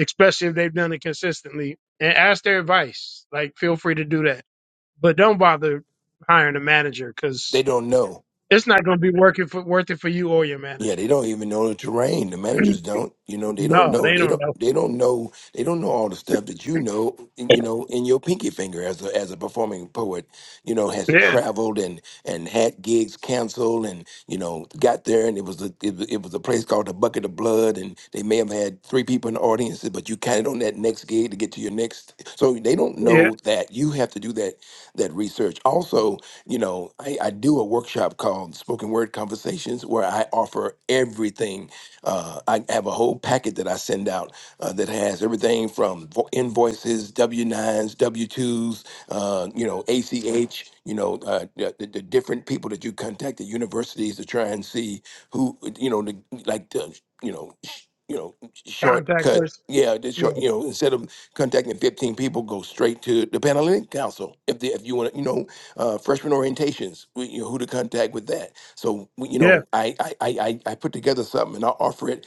Speaker 1: especially if they've done it consistently, and ask their advice. Like, feel free to do that, but don't bother hiring a manager
Speaker 11: They
Speaker 1: because
Speaker 11: don't know.
Speaker 1: it's not going to be working for worth it for you or your
Speaker 11: Yeah,
Speaker 1: manager.
Speaker 11: they don't even know the terrain. The managers don't. You know, they don't
Speaker 1: no,
Speaker 11: know.
Speaker 1: they
Speaker 11: They
Speaker 1: don't
Speaker 11: don't.
Speaker 1: know.
Speaker 11: They don't know. They don't know all the stuff that you know. in- You know, in your pinky finger as a as a performing poet. You know, has
Speaker 1: Yeah,
Speaker 11: traveled and and had gigs canceled, and you know, got there, and it was a it, was- it was a place called the Bucket of Blood, and they may have had three people in the audience, but you counted on that next gig to get to your next. So they don't
Speaker 1: yeah.
Speaker 11: know that you have to do that that research. Also, you know, I, I do a workshop called Spoken Word Conversations where I offer everything. Uh, I have a whole packet that I send out uh, that has everything from vo- invoices, W 9s, W 2s, uh, you know, ACH, you know, uh, the, the the different people that you contact at universities to try and see who, you know, the, like, the, you know, sh- you know,
Speaker 1: Contact
Speaker 11: shortcut.
Speaker 1: person.
Speaker 11: Yeah, the short,
Speaker 1: Yeah,
Speaker 11: you know, instead of contacting 15 people, go straight to the Panhellenic Council. If, the if you want to, you know, uh, freshman orientations, we- you know, who to contact with that. So, we- you
Speaker 1: yeah,
Speaker 11: know, I, I, I, I I put together something and I'll offer it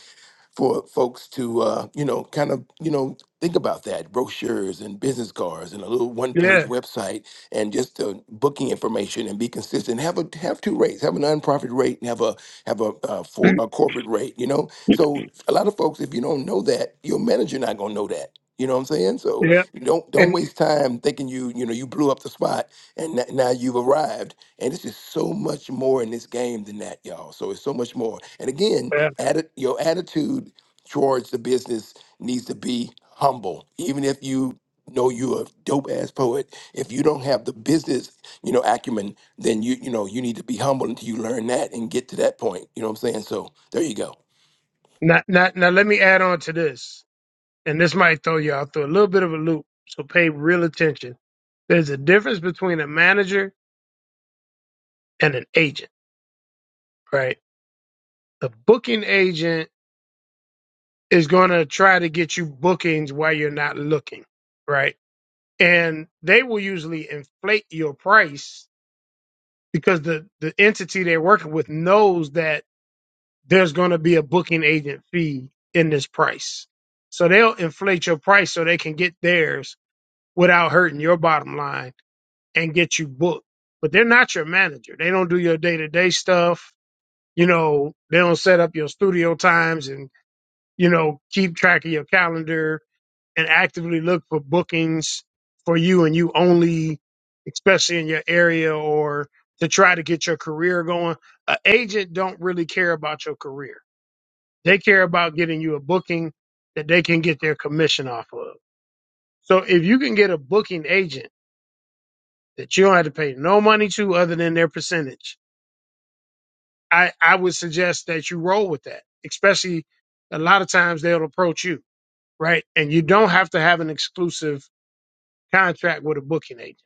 Speaker 11: for folks to uh, you know kind of you know think about that brochures and business cards and a little one
Speaker 1: yeah.
Speaker 11: page website and just the booking information and be consistent have a have two rates have a nonprofit rate and have a have a uh, for a corporate rate you know so a lot of folks if you don't know that your manager not going to know that you know what I'm saying? So
Speaker 1: Yeah,
Speaker 11: you don't don't
Speaker 1: and
Speaker 11: waste time thinking you you know you blew up the spot and n- now you've arrived. And it's just so much more in this game than that, y'all. So it's so much more. And again,
Speaker 1: yeah.
Speaker 11: atti- your attitude towards the business needs to be humble. Even if you know you're a dope ass poet, if you don't have the business, you know, acumen, then you you know you need to be humble until you learn that and get to that point. You know what I'm saying? So there you go.
Speaker 1: Now, now, now, let me add on to this, and this might throw you all through a little bit of a loop. So pay real attention. There's a difference between a manager and an agent, right? The booking agent is going to try to get you bookings while you're not looking, right? And they will usually inflate your price because the the entity they're working with knows that there's going to be a booking agent fee in this price. So they'll inflate your price so they can get theirs without hurting your bottom line and get you booked. But they're not your manager. They don't do your day to day stuff. You know, they don't set up your studio times and, you know, keep track of your calendar and actively look for bookings for you and you only, especially in your area or to try to get your career going. An agent don't really care about your career. They care about getting you a booking that they can get their commission off of. So if you can get a booking agent that you don't have to pay no money to other than their percentage. I, I would suggest that you roll with that, especially a lot of times they'll approach you, right? And you don't have to have an exclusive contract with a booking agent,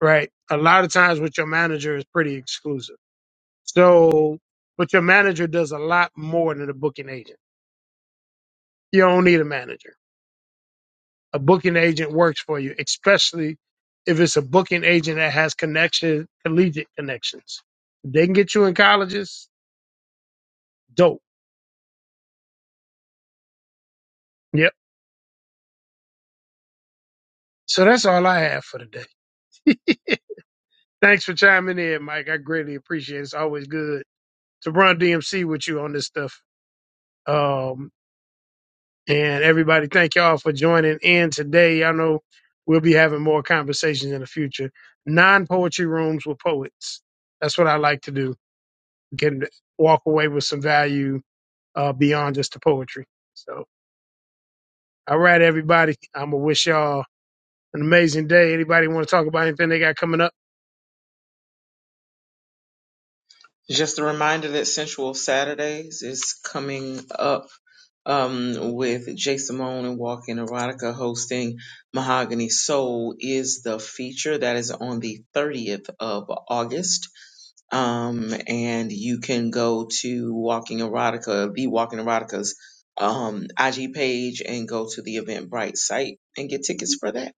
Speaker 1: right? A lot of times with your manager is pretty exclusive. So, but your manager does a lot more than a booking agent. You don't need a manager. A booking agent works for you, especially if it's a booking agent that has connection, collegiate connections. If they can get you in colleges, dope Yep. So that's all I have for today. Thanks for chiming in, Mike. I greatly appreciate it. It's always good to run DMC with you on this stuff. Um, and everybody, thank y'all for joining in today. I know we'll be having more conversations in the future. Non poetry rooms with poets. That's what I like to do. Get walk away with some value uh, beyond just the poetry. So, all right, everybody. I'm gonna wish y'all an amazing day. Anybody want to talk about anything they got coming up?
Speaker 5: Just a reminder that Sensual Saturdays is coming up um, with Jay Simone and Walking Erotica hosting Mahogany Soul is the feature that is on the 30th of August. Um, and you can go to Walking Erotica, the Walking Erotica's um, IG page and go to the Eventbrite site and get tickets for that.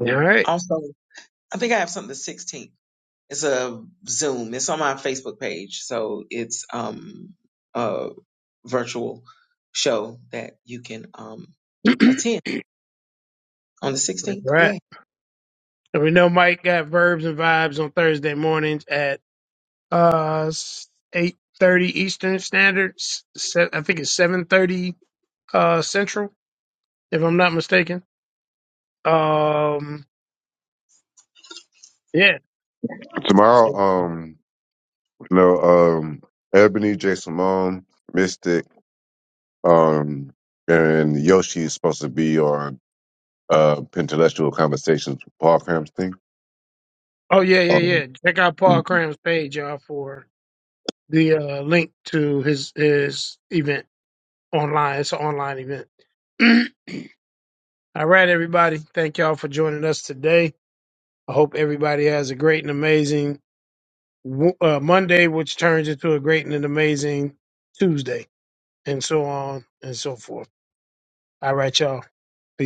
Speaker 1: All right.
Speaker 5: Also, I think I have something the 16th. It's a Zoom. It's on my Facebook page. So it's um a virtual show that you can um attend on the
Speaker 1: All
Speaker 5: 16th. Yay.
Speaker 1: right. And we know Mike got verbs and vibes on Thursday mornings at uh eight thirty Eastern Standard. s- se- I think it's seven thirty uh Central, if I'm not mistaken. Um, yeah.
Speaker 3: Tomorrow,
Speaker 1: So,
Speaker 3: um, you know, um, Ebony, J. Simone, Mystic, um, and Yoshi is supposed to be on uh, Intellectual Conversations with Paul Cramston.
Speaker 1: oh yeah, yeah,
Speaker 3: Um,
Speaker 1: yeah. Check out
Speaker 3: hmm.
Speaker 1: Paul Cram's page, y'all, for the uh, link to his his event online. It's an online event. All right, everybody. Thank y'all for joining us today. I hope everybody has a great and amazing w- uh, Monday, which turns into a great and an amazing Tuesday, and so on and so forth. All right, y'all. Peace.